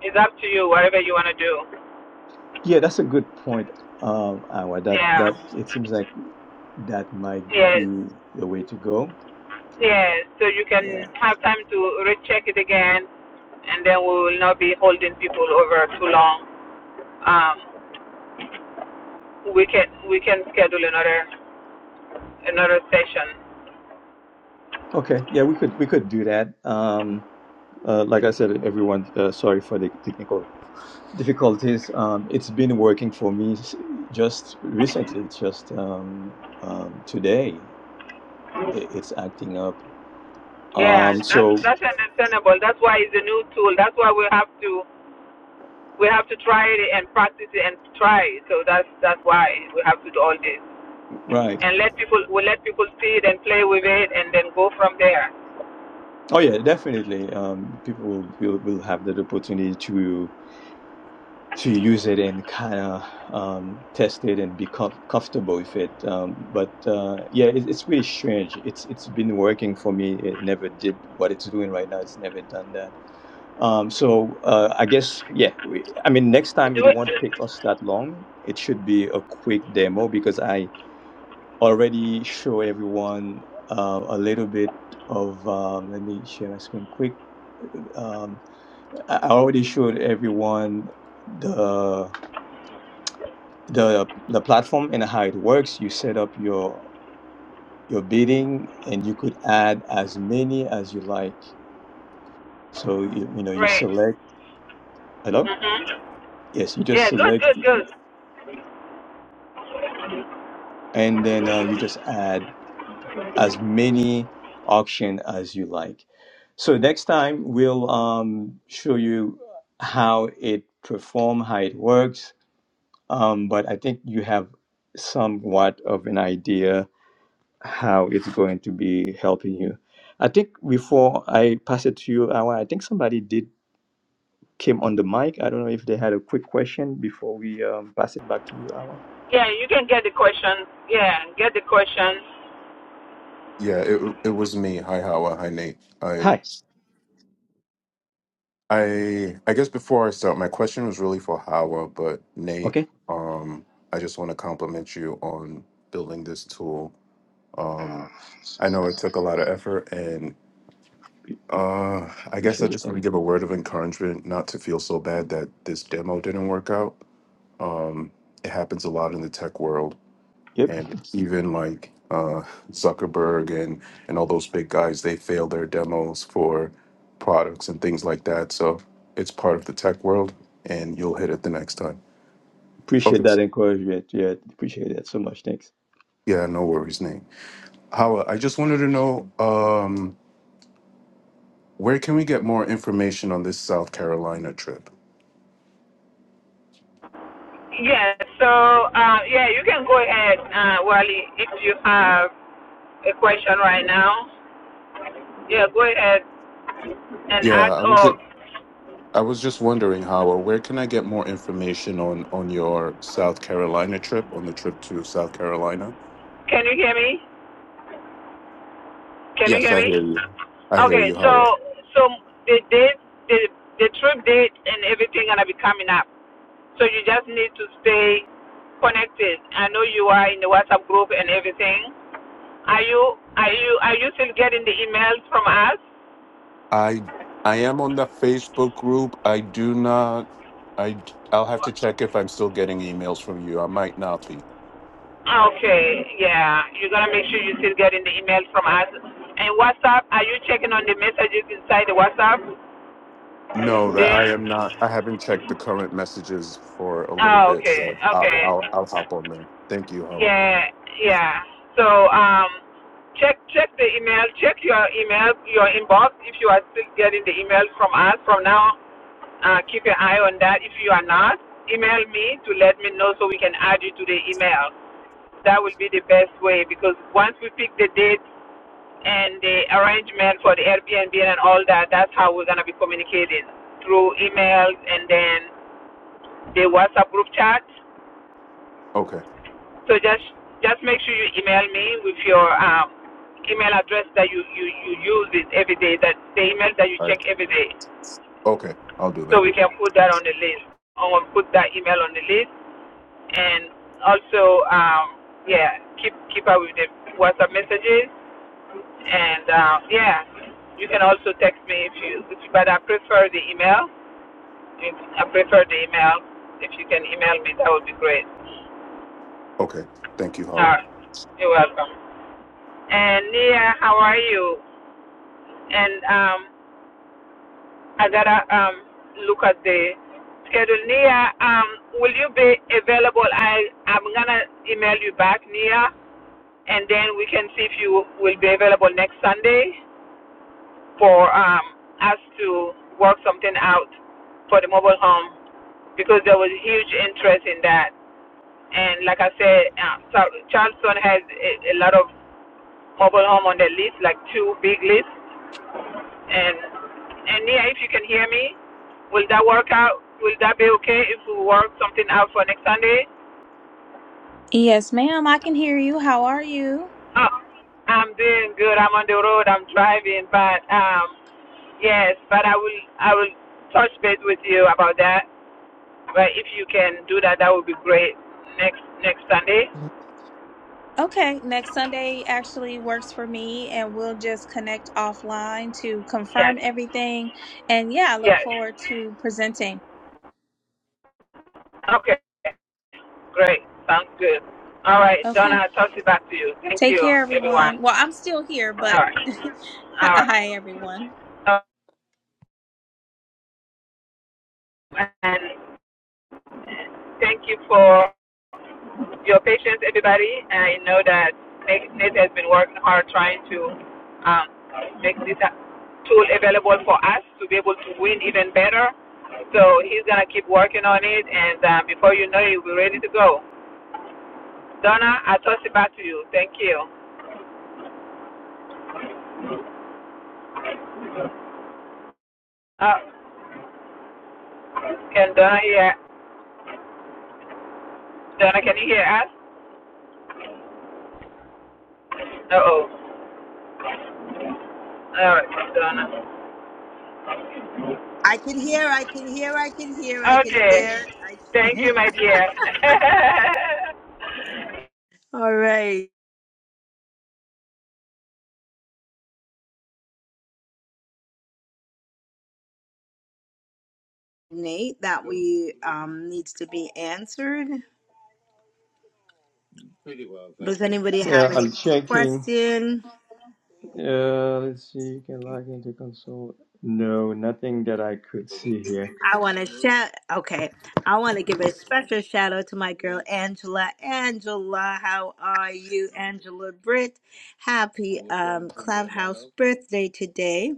A: It's up to you, whatever you wanna do.
D: Yeah, that's a good point, um, Anwar. That
A: Yeah,
D: that it seems like that might
A: yeah,
D: be the way to go.
A: yeah. So you can
D: Yeah.
A: have time to recheck it again, and then we will not be holding people over too long. Um, we can we can schedule another another session.
D: Okay. Yeah, we could we could do that. Um, uh, like I said, everyone, uh, sorry for the technical difficulties. Um, it's been working for me s- just recently. It's just um, um, today i- it's acting up.
A: Yeah,
D: Um,
A: that's
D: so
A: that's understandable. That's why it's a new tool. That's why we have to we have to try it and practice it and try. It. So that's that's why we have to do all this
D: right.
A: and let people we let people see it and play with it and then go from there.
D: Oh yeah, definitely. Um, people will will, will have that opportunity to. to use it and kind of um, test it and be com- comfortable with it. Um, but uh, yeah, it, it's really strange. It's it's been working for me. It never did what it's doing right now. It's never done that. Um, so uh, I guess yeah. We, I mean, next time
A: Do
D: it
A: it.
D: won't take us that long. It should be a quick demo because I already show everyone uh, a little bit of. Um, let me share my screen quick. Um, I I already showed everyone the the the platform and how it works you set up your your bidding and you could add as many as you like so you, you know you
A: Great.
D: select hello
A: Mhm.
D: yes you just
A: Yeah. Good.
D: select
A: Good. Good.
D: and then uh, you just add as many auction as you like so next time we'll um, show you how it perform how it works um, but i think you have somewhat of an idea how it's going to be helping you. I think before I pass it to you, Awa, I think somebody did came on the mic. I don't know if they had a quick question before we um, pass it back to you, Awa.
A: Yeah. You can get the question. Yeah. Get the question.
J: yeah. It it was me. Hi, Hawa. Hi, Nate. I.
D: Hi.
J: I I guess before I start, my question was really for Howard, but Nate,
D: Okay.
J: um, I just want to compliment you on building this tool. Um, I know it took a lot of effort, and uh, I guess I
D: Appreciate it.
J: just want
D: Thanks.
J: to give a word of encouragement not to feel so bad that this demo didn't work out. It happens a lot in the tech world.
D: Yep.
J: and even like uh, Zuckerberg and and all those big guys, they fail their demos for products and things like that. So it's part of the tech world, and you'll hit it the next time.
D: Appreciate
J: Okay.
D: that encouragement. Yeah. Appreciate that so much. Thanks.
J: Yeah, no worries, Nate. Howard, I just wanted to know um, where can we get more information on this South Carolina trip?
A: Yeah. So uh, yeah, you can go ahead, uh, Wally, if you have a question right now. Yeah. Go ahead and
J: Yeah,
A: ask.
J: I was just,
A: Or
J: I was just wondering, Howard, where can I get more information on on your South Carolina trip, on the trip to South Carolina?
A: Can you hear me? Can you
J: Yes,
A: hear
J: I
A: me?
J: hear you. I hear
A: Okay,
J: you, Howard.
A: so so the date, the the trip date, and everything gonna be coming up. So you just need to stay connected. I know you are in the WhatsApp group and everything. Are you are you are you still getting the emails from us?
J: I I am on the Facebook group. I do not. I d- I'll have to check if I'm still getting emails from you. I might not be.
A: Okay, yeah. You're gonna make sure you're still getting the emails from us. And WhatsApp, are you checking on the messages inside the WhatsApp?
J: No,
A: Do
J: that I am not. I haven't checked the current messages for a little
A: oh,
J: bit,
A: okay,
J: so I'll
A: okay.
J: I'll, I'll hop on there. Thank you, Howard.
A: Yeah, yeah. So um, check check the email. Check your email, your inbox. If you are still getting the emails from us from now, uh, keep an eye on that. If you are not, email me to let me know so we can add you to the email. That will be the best way because once we pick the date and the arrangement for the Airbnb and all that, that's how we're gonna be communicating through emails and then the WhatsApp group chat.
J: Okay.
A: So just just make sure you email me with your um, email address that you, you, you use it every day, that the email that you
J: All right.
A: check every day.
J: Okay. I'll do that.
A: So we can put that on the list. I will put that email on the list. And also, um, yeah, keep keep up with the WhatsApp messages. And uh, yeah, you can also text me if you, if you but I prefer the email. I prefer the email. If you can email me, that would be great.
J: Okay. Thank you,
A: All
J: Howard.
A: right. You're welcome. And Nia, how are you? And um, I gotta um, look at the schedule. Nia, um, will you be available? I I'm gonna email you back, Nia, and then we can see if you will be available next Sunday for um, us to work something out for the mobile home because there was huge interest in that. And like I said, uh, so Charleston has a, a lot of mobile home on their list, like two big lists And and Nia, if you can hear me, will that work out? Will that be okay if we work something out for next Sunday?
L: Yes, ma'am, I can hear you. How are you?
A: Oh, I'm doing good. I'm on the road. I'm driving, but um, yes, but I will I will touch base with you about that. But if you can do that, that would be great. Next next Sunday.
L: Okay, next Sunday actually works for me, and we'll just connect offline to
A: Yes.
L: confirm everything. And yeah, I look
A: Yes.
L: forward to presenting.
A: Okay. Great. Sounds good. All right,
L: Okay,
A: Donna, I'll toss it back to you. Thank
L: take
A: you,
L: care,
A: everyone.
L: everyone. Well, I'm still here,
A: All
L: but
A: right.
L: hi, hi,
A: All
L: everyone.
A: right. and thank you for your patience, everybody. And I know that Nate has been working hard trying to um, make this tool available for us to be able to win even better. So he's gonna keep working on it, and uh, before you know it, we will be ready to go. Donna, I toss it back to you. Thank you. Uh, can Donna hear? Donna, can you hear us? Uh oh. All right, Donna.
B: I can hear, I can hear, I can hear, I can
A: Okay.
B: hear. I can...
A: Thank
B: hear.
A: you, my dear.
B: All right. Nate, that we um needs to be answered. Does anybody have
D: Yeah,
B: any
D: I'm checking.
B: question?
D: Uh, let's see. You can log into console. No, nothing that I could see here.
B: I want to shout. Okay, I want to give a special shout out to my girl Angela. Angela, how are you, Angela Britt? Happy birthday today.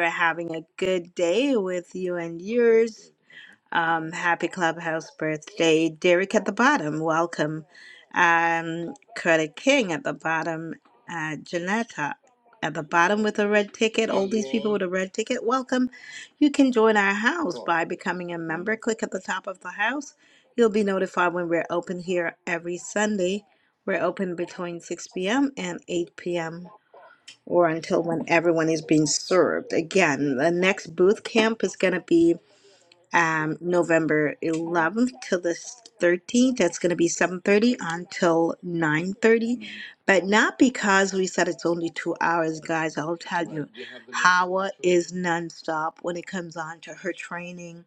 B: We're having a good day with you and yours. Um, happy Clubhouse birthday, Derek at the bottom. Welcome. Um, Credit King at the bottom. Uh, Janetta at the bottom with a red ticket. The red ticket. Welcome. You can join our house by becoming a member. Click at the top of the house. You'll be notified when we're open here every Sunday. We're open between 6 p.m. and 8 p.m. or until when everyone is being served. Again, the next booth camp is going to be um, November 11th to the 13th. That's going to be 7:30 until 9:30, but not because we said it's only two hours, guys. I'll tell you, Awa is nonstop when it comes on to her training.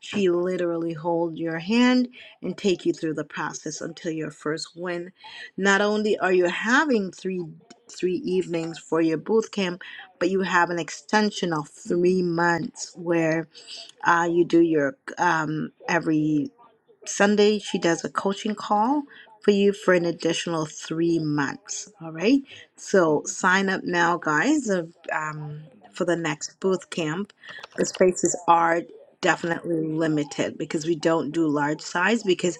B: She literally hold your hand and take you through the process until your first win. Not only are you having three three evenings for your boot camp, but you have an extension of three months where uh, you do your um, every Sunday. She does a coaching call for you for an additional three months. All right, so sign up now, guys, of, um, for the next booth camp. The spaces are definitely limited because we don't do large size because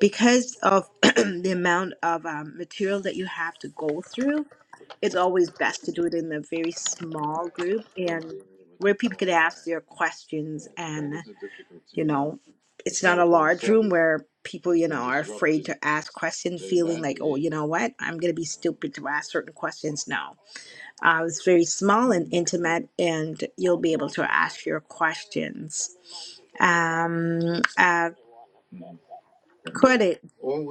B: because of the amount of um, material that you have to go through. It's always best to do it in a very small group. And are people, with their questions, you know. where people you ask questions. You know what? I'm going to be stupid to ask certain questions. No, uh, it's very small and intimate, and you'll be able to ask your questions. Um, uh, credit.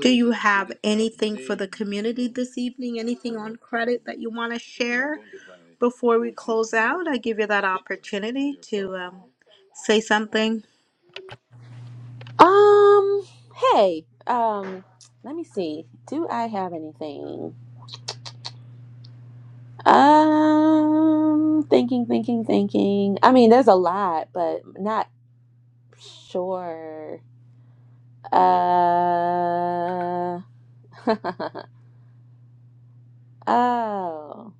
B: Do you have anything for the community this evening? Anything on credit that you want to share before we close out? I give you that opportunity to um, say something.
M: Um, hey, um, let me see. Do I have anything? Um, thinking, thinking, thinking. I mean, there's a lot, but not sure. Uh, oh,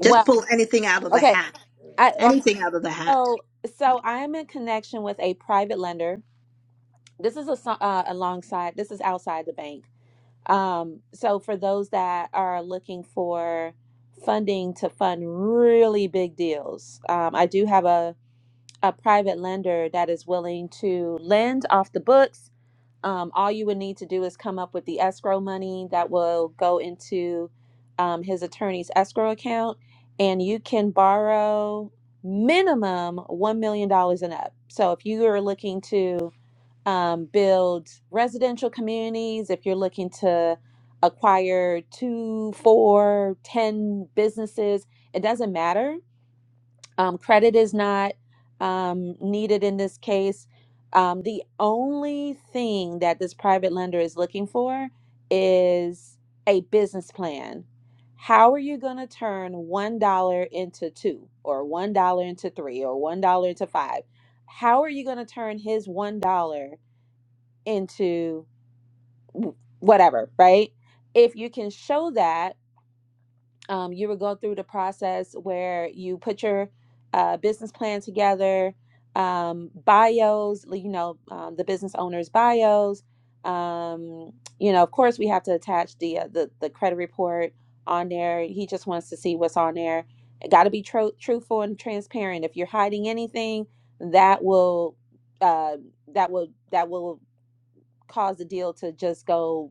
B: Just pull anything out of the
M: okay.
B: hat.
M: I, okay.
B: Anything out of the hat.
M: So, so I'm in connection with a private lender. This is a, so- uh, alongside, this is outside the bank. Um, so for those that are looking for funding to fund really big deals, um, I do have a, a private lender that is willing to lend off the books. Um, all you would need to do is come up with the escrow money that will go into um, his attorney's escrow account, and you can borrow minimum $1 million dollars and up. So if you are looking to um, build residential communities if you're looking to acquire two four ten businesses it doesn't matter um, credit is not um, needed in this case um, the only thing that this private lender is looking for is a business plan how are you going to turn one dollar into two or one dollar into three or one dollar into five how are you going to turn his one dollar into whatever, right? If you can show that, um, you would go through the process where you put your uh, business plan together, um, bios, like, you know, um, the business owner's bios. Um, you know, of course, we have to attach the, uh, the the credit report on there. He just wants to see what's on there. It Got to be tru- truthful and transparent. If you're hiding anything, that will uh, that will that will cause the deal to just go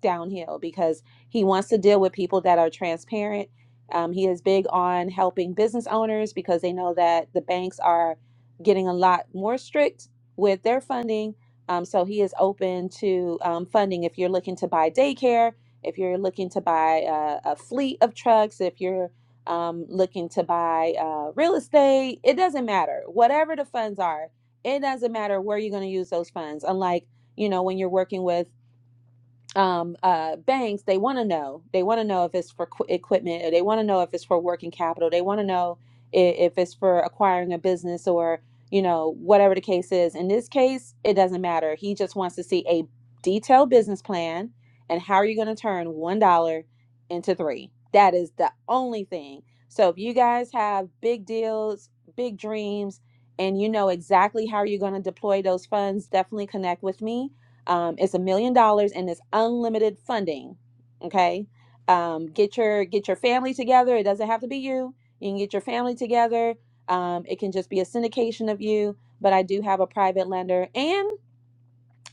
M: downhill because he wants to deal with people that are transparent. Um, he is big on helping business owners because they know that the banks are getting a lot more strict with their funding. Um, so he is open to um, funding if you're looking to buy daycare, if you're looking to buy a, a fleet of trucks, if you're um, looking to buy uh, real estate, it doesn't matter. Whatever the funds are, it doesn't matter where you're going to use those funds. Unlike you know when you're working with um, uh, banks they want to know they want to know if it's for qu- equipment or they want to know if it's for working capital they want to know i- if it's for acquiring a business or you know whatever the case is in this case it doesn't matter he just wants to see a detailed business plan and how are you going to turn one dollar into three that is the only thing so if you guys have big deals big dreams and you know exactly how you're going to deploy those funds definitely connect with me um, it's a million dollars and it's unlimited funding. Okay, um, get your get your family together. It doesn't have to be you. You can get your family together. Um, it can just be a syndication of you. But I do have a private lender, and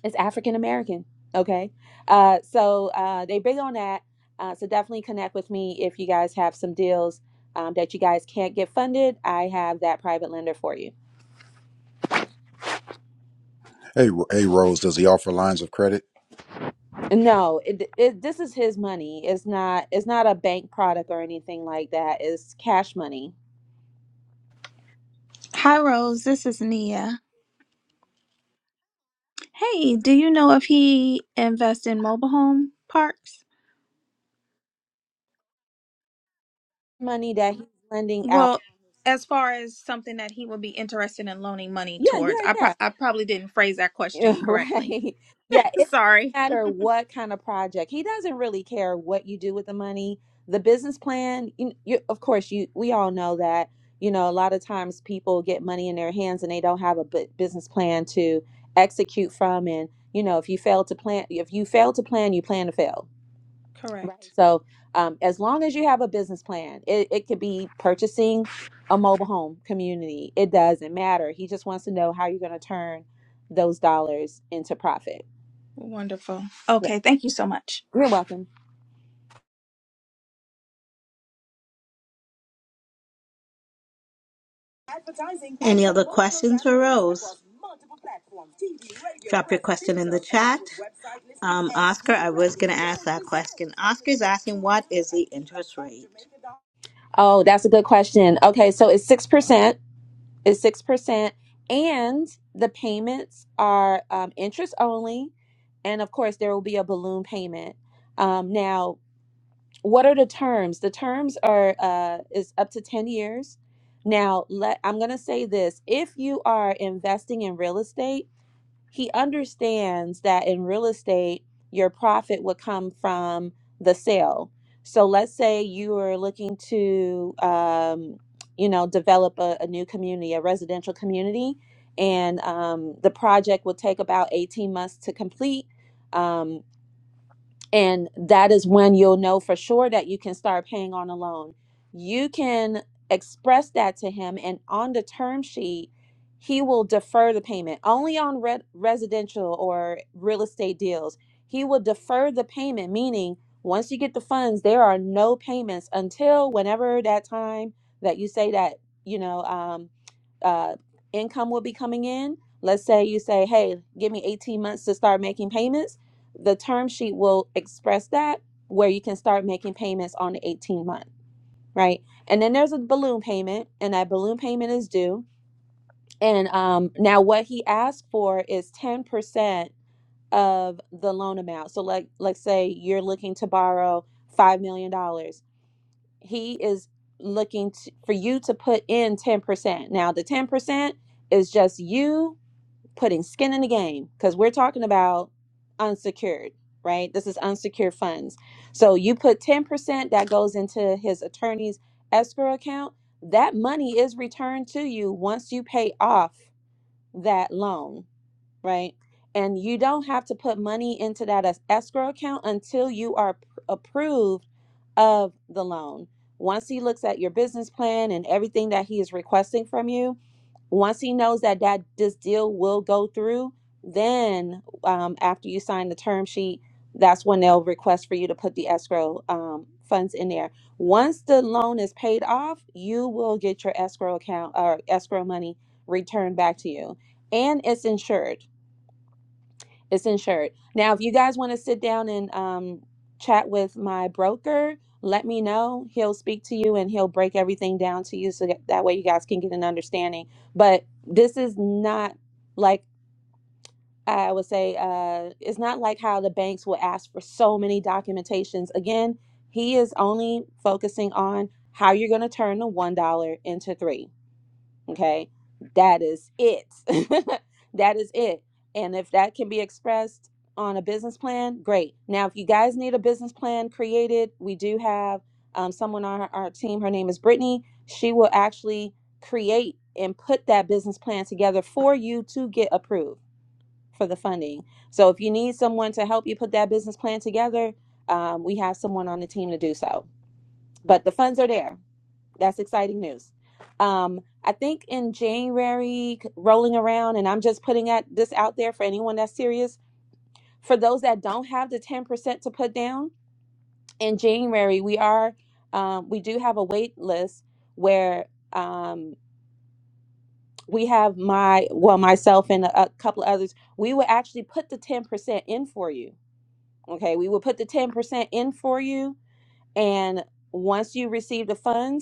M: it's African American. Okay, uh, so uh, they big on that. Uh, so definitely connect with me if you guys have some deals um, that you guys can't get funded. I have that private lender for you.
K: Hey, Ro- hey, Rose. Does he offer lines of credit?
M: No, it, it this is his money. It's not it's not a bank product or anything like that. It's cash money.
L: Hi, Rose. This is Nia. Hey, do you know if he invests in mobile home parks?
M: Money that he's lending out.
L: Well, as far as something that he would be interested in loaning money
M: Yeah,
L: towards,
M: yeah,
L: I pro-
M: yeah.
L: I probably didn't phrase that
M: Yeah,
L: question correctly.
M: Right. Yeah, it doesn't
L: Sorry.
M: matter what kind of project. He doesn't really care what you do with the money. The business plan, you, you of course you we all know that, you know, a lot of times people get money in their hands and they don't have a bu- business plan to execute from and, you know, if you fail to plan if you fail to plan, you plan to fail Right.
L: Correct.
M: So, um, as long as you have a business plan, it, it could be purchasing a mobile home community. It doesn't matter. He just wants to know how you're going to turn those dollars into profit.
L: Wonderful.
M: Yeah.
L: Okay, thank you so much.
M: You're welcome.
B: Any other questions for Rose? Drop your question in the chat. Um, Oscar, I was going to ask that question. Oscar's asking, what is the interest rate?
M: Oh, that's a good question. Okay. So it's 6%. It's 6%. And the payments are um, interest only. And of course, there will be a balloon payment. Um, now, what are the terms the terms are uh is up to 10 years now let i'm going to say this if you are investing in real estate he understands that in real estate your profit would come from the sale so let's say you are looking to um you know develop a, a new community a residential community and um, the project will take about 18 months to complete Um, and that is when you'll know for sure that you can start paying on a loan. You can express that to him, and on the term sheet, he will defer the payment only on re- residential or real estate deals. He will defer the payment, meaning once you get the funds, there are no payments until whenever that time that you say that, you know. um, uh, income will be coming in. Let's say you say, hey, give me 18 months to start making payments. The term sheet will express that where you can start making payments on the 18 month, right? And then there's a balloon payment, and that balloon payment is due. And um, now what he asked for is 10% of the loan amount. So like let's say you're looking to borrow $5 million. dollars he is looking to, for you to put in 10%. Now, the 10% is just you putting skin in the game because we're talking about unsecured, right? This is unsecured funds. So you put 10% that goes into his attorney's escrow account. That money is returned to you once you pay off that loan right? And you don't have to put money into that as escrow account until you are p- approved of the loan. Once he looks at your business plan and everything that he is requesting from you, once he knows that that this deal will go through, then um, after you sign the term sheet, that's when they'll request for you to put the escrow um, funds in there. Once the loan is paid off, you will get your escrow account or escrow money returned back to you, and it's insured it's insured. Now, if you guys want to sit down and um, chat with my broker, let me know. He'll speak to you and he'll break everything down to you so that, that way you guys can get an understanding. But this is not like I would say, uh, it's not like how the banks will ask for so many documentations. Again, he is only focusing on how you're going to turn the $1 into 3 Okay. That is it. that is it. And if that can be expressed on a business plan, great. Now, if you guys need a business plan created, we do have um, someone on our, our team. Her name is Brittany. She will actually create and put that business plan together for you to get approved for the funding. So if you need someone to help you put that business plan together, um, we have someone on the team to do so. But the funds are there. That's exciting news. Um, I think in January, rolling around, and I'm just putting at this out there for anyone that's serious. For those that don't have the 10% to put down, in January we are um, we do have a wait list where um, we have my well myself and a, a couple of others. We will actually put the 10% in for you. Okay, we will put the 10% in for you, and once you receive the funds.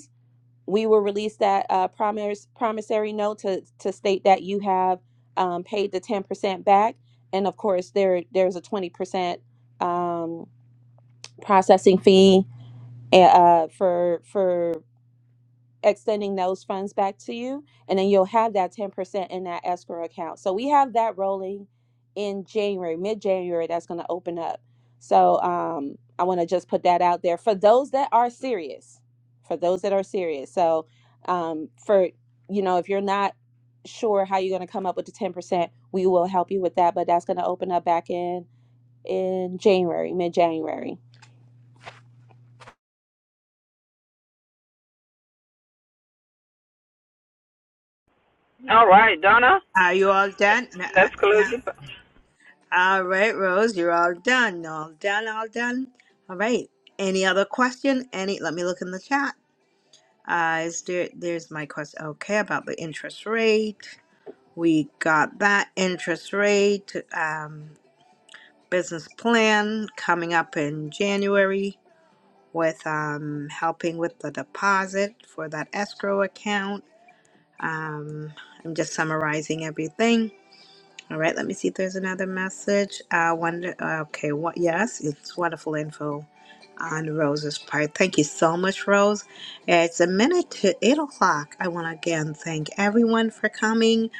M: we will release that uh, promise, promissory note to, to state that you have um, paid the 10% back. And of course, there there's a 20% um, processing fee eh, uh, for for extending those funds back to you and then you'll have that 10% in that escrow account so we have that rolling in january mid-january that's going to open up so um, i want to just put that out there for those that are serious for those that are serious so um, for you know if you're not sure how you're going to come up with the 10% we will help you with that but that's going to open up back in in January, mid January.
A: All right, Donna,
B: Are you all done? N- uh,
A: let's close
B: Yeah.
A: the.
B: All right, Rose, you're all done. All done, all done. All right. Any other question? Any? Let me look in the chat. Uh, is there? There's my question. Okay, about the interest rate. We got that interest rate um, business plan coming up in January. with um, helping with the deposit for that escrow account. Um, I'm just summarizing everything. All right, let me see if there's another message. Uh, wonder, uh, okay, what? Yes, it's wonderful info on Rose's part. Thank you so much, Rose. It's a minute to eight o'clock. I want to again thank everyone for coming,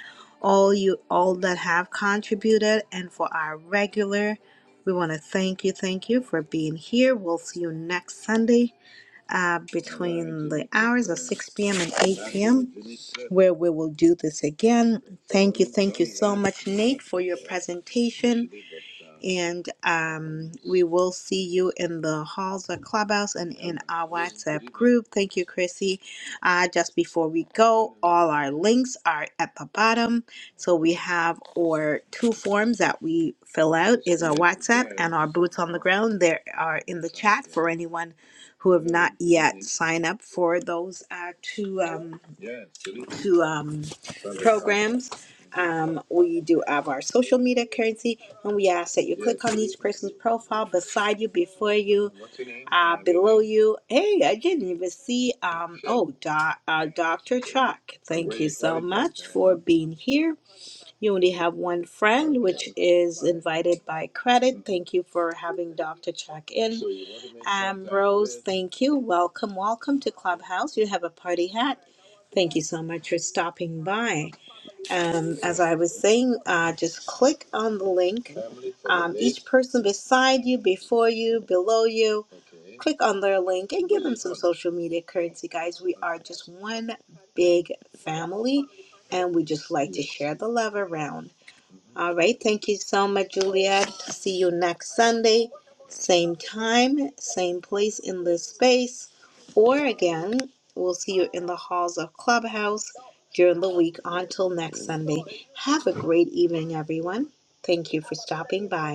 B: all you, all that have contributed, and for our regular. We want to thank you, thank you for being here. We'll see you next Sunday uh, where we will do this again presentation and um, we will see you in the halls of clubhouse and in our whatsapp group thank you chrissy uh, just before we go all our links are at the bottom so we have our two forms that we fill out boots on the ground there are in the chat for anyone who have yet sign up for those uh, two um, two um, um, we do have our social media currency and we ask that you profile beside you, before you. You, hey, I didn't even see. Um, oh, doc, uh, Doctor Chuck, thank for being here. You only have one friend, is invited by credit. Thank you for having Doctor Chuck in. Thank you. Welcome, welcome to Clubhouse. You have a party hat. Thank you so much for stopping by. Um, as I was saying, uh, just click on the link. Person beside you, before you, below you, click on their link and some social media currency, guys. We are just one big family, and we just like to share the love around. All right, thank you so much, Juliet. See you next Sunday, same time, same place in this space, or again, we'll see you in the halls of Clubhouse during the week. Until next Sunday, have a great evening, everyone. Thank you for stopping by.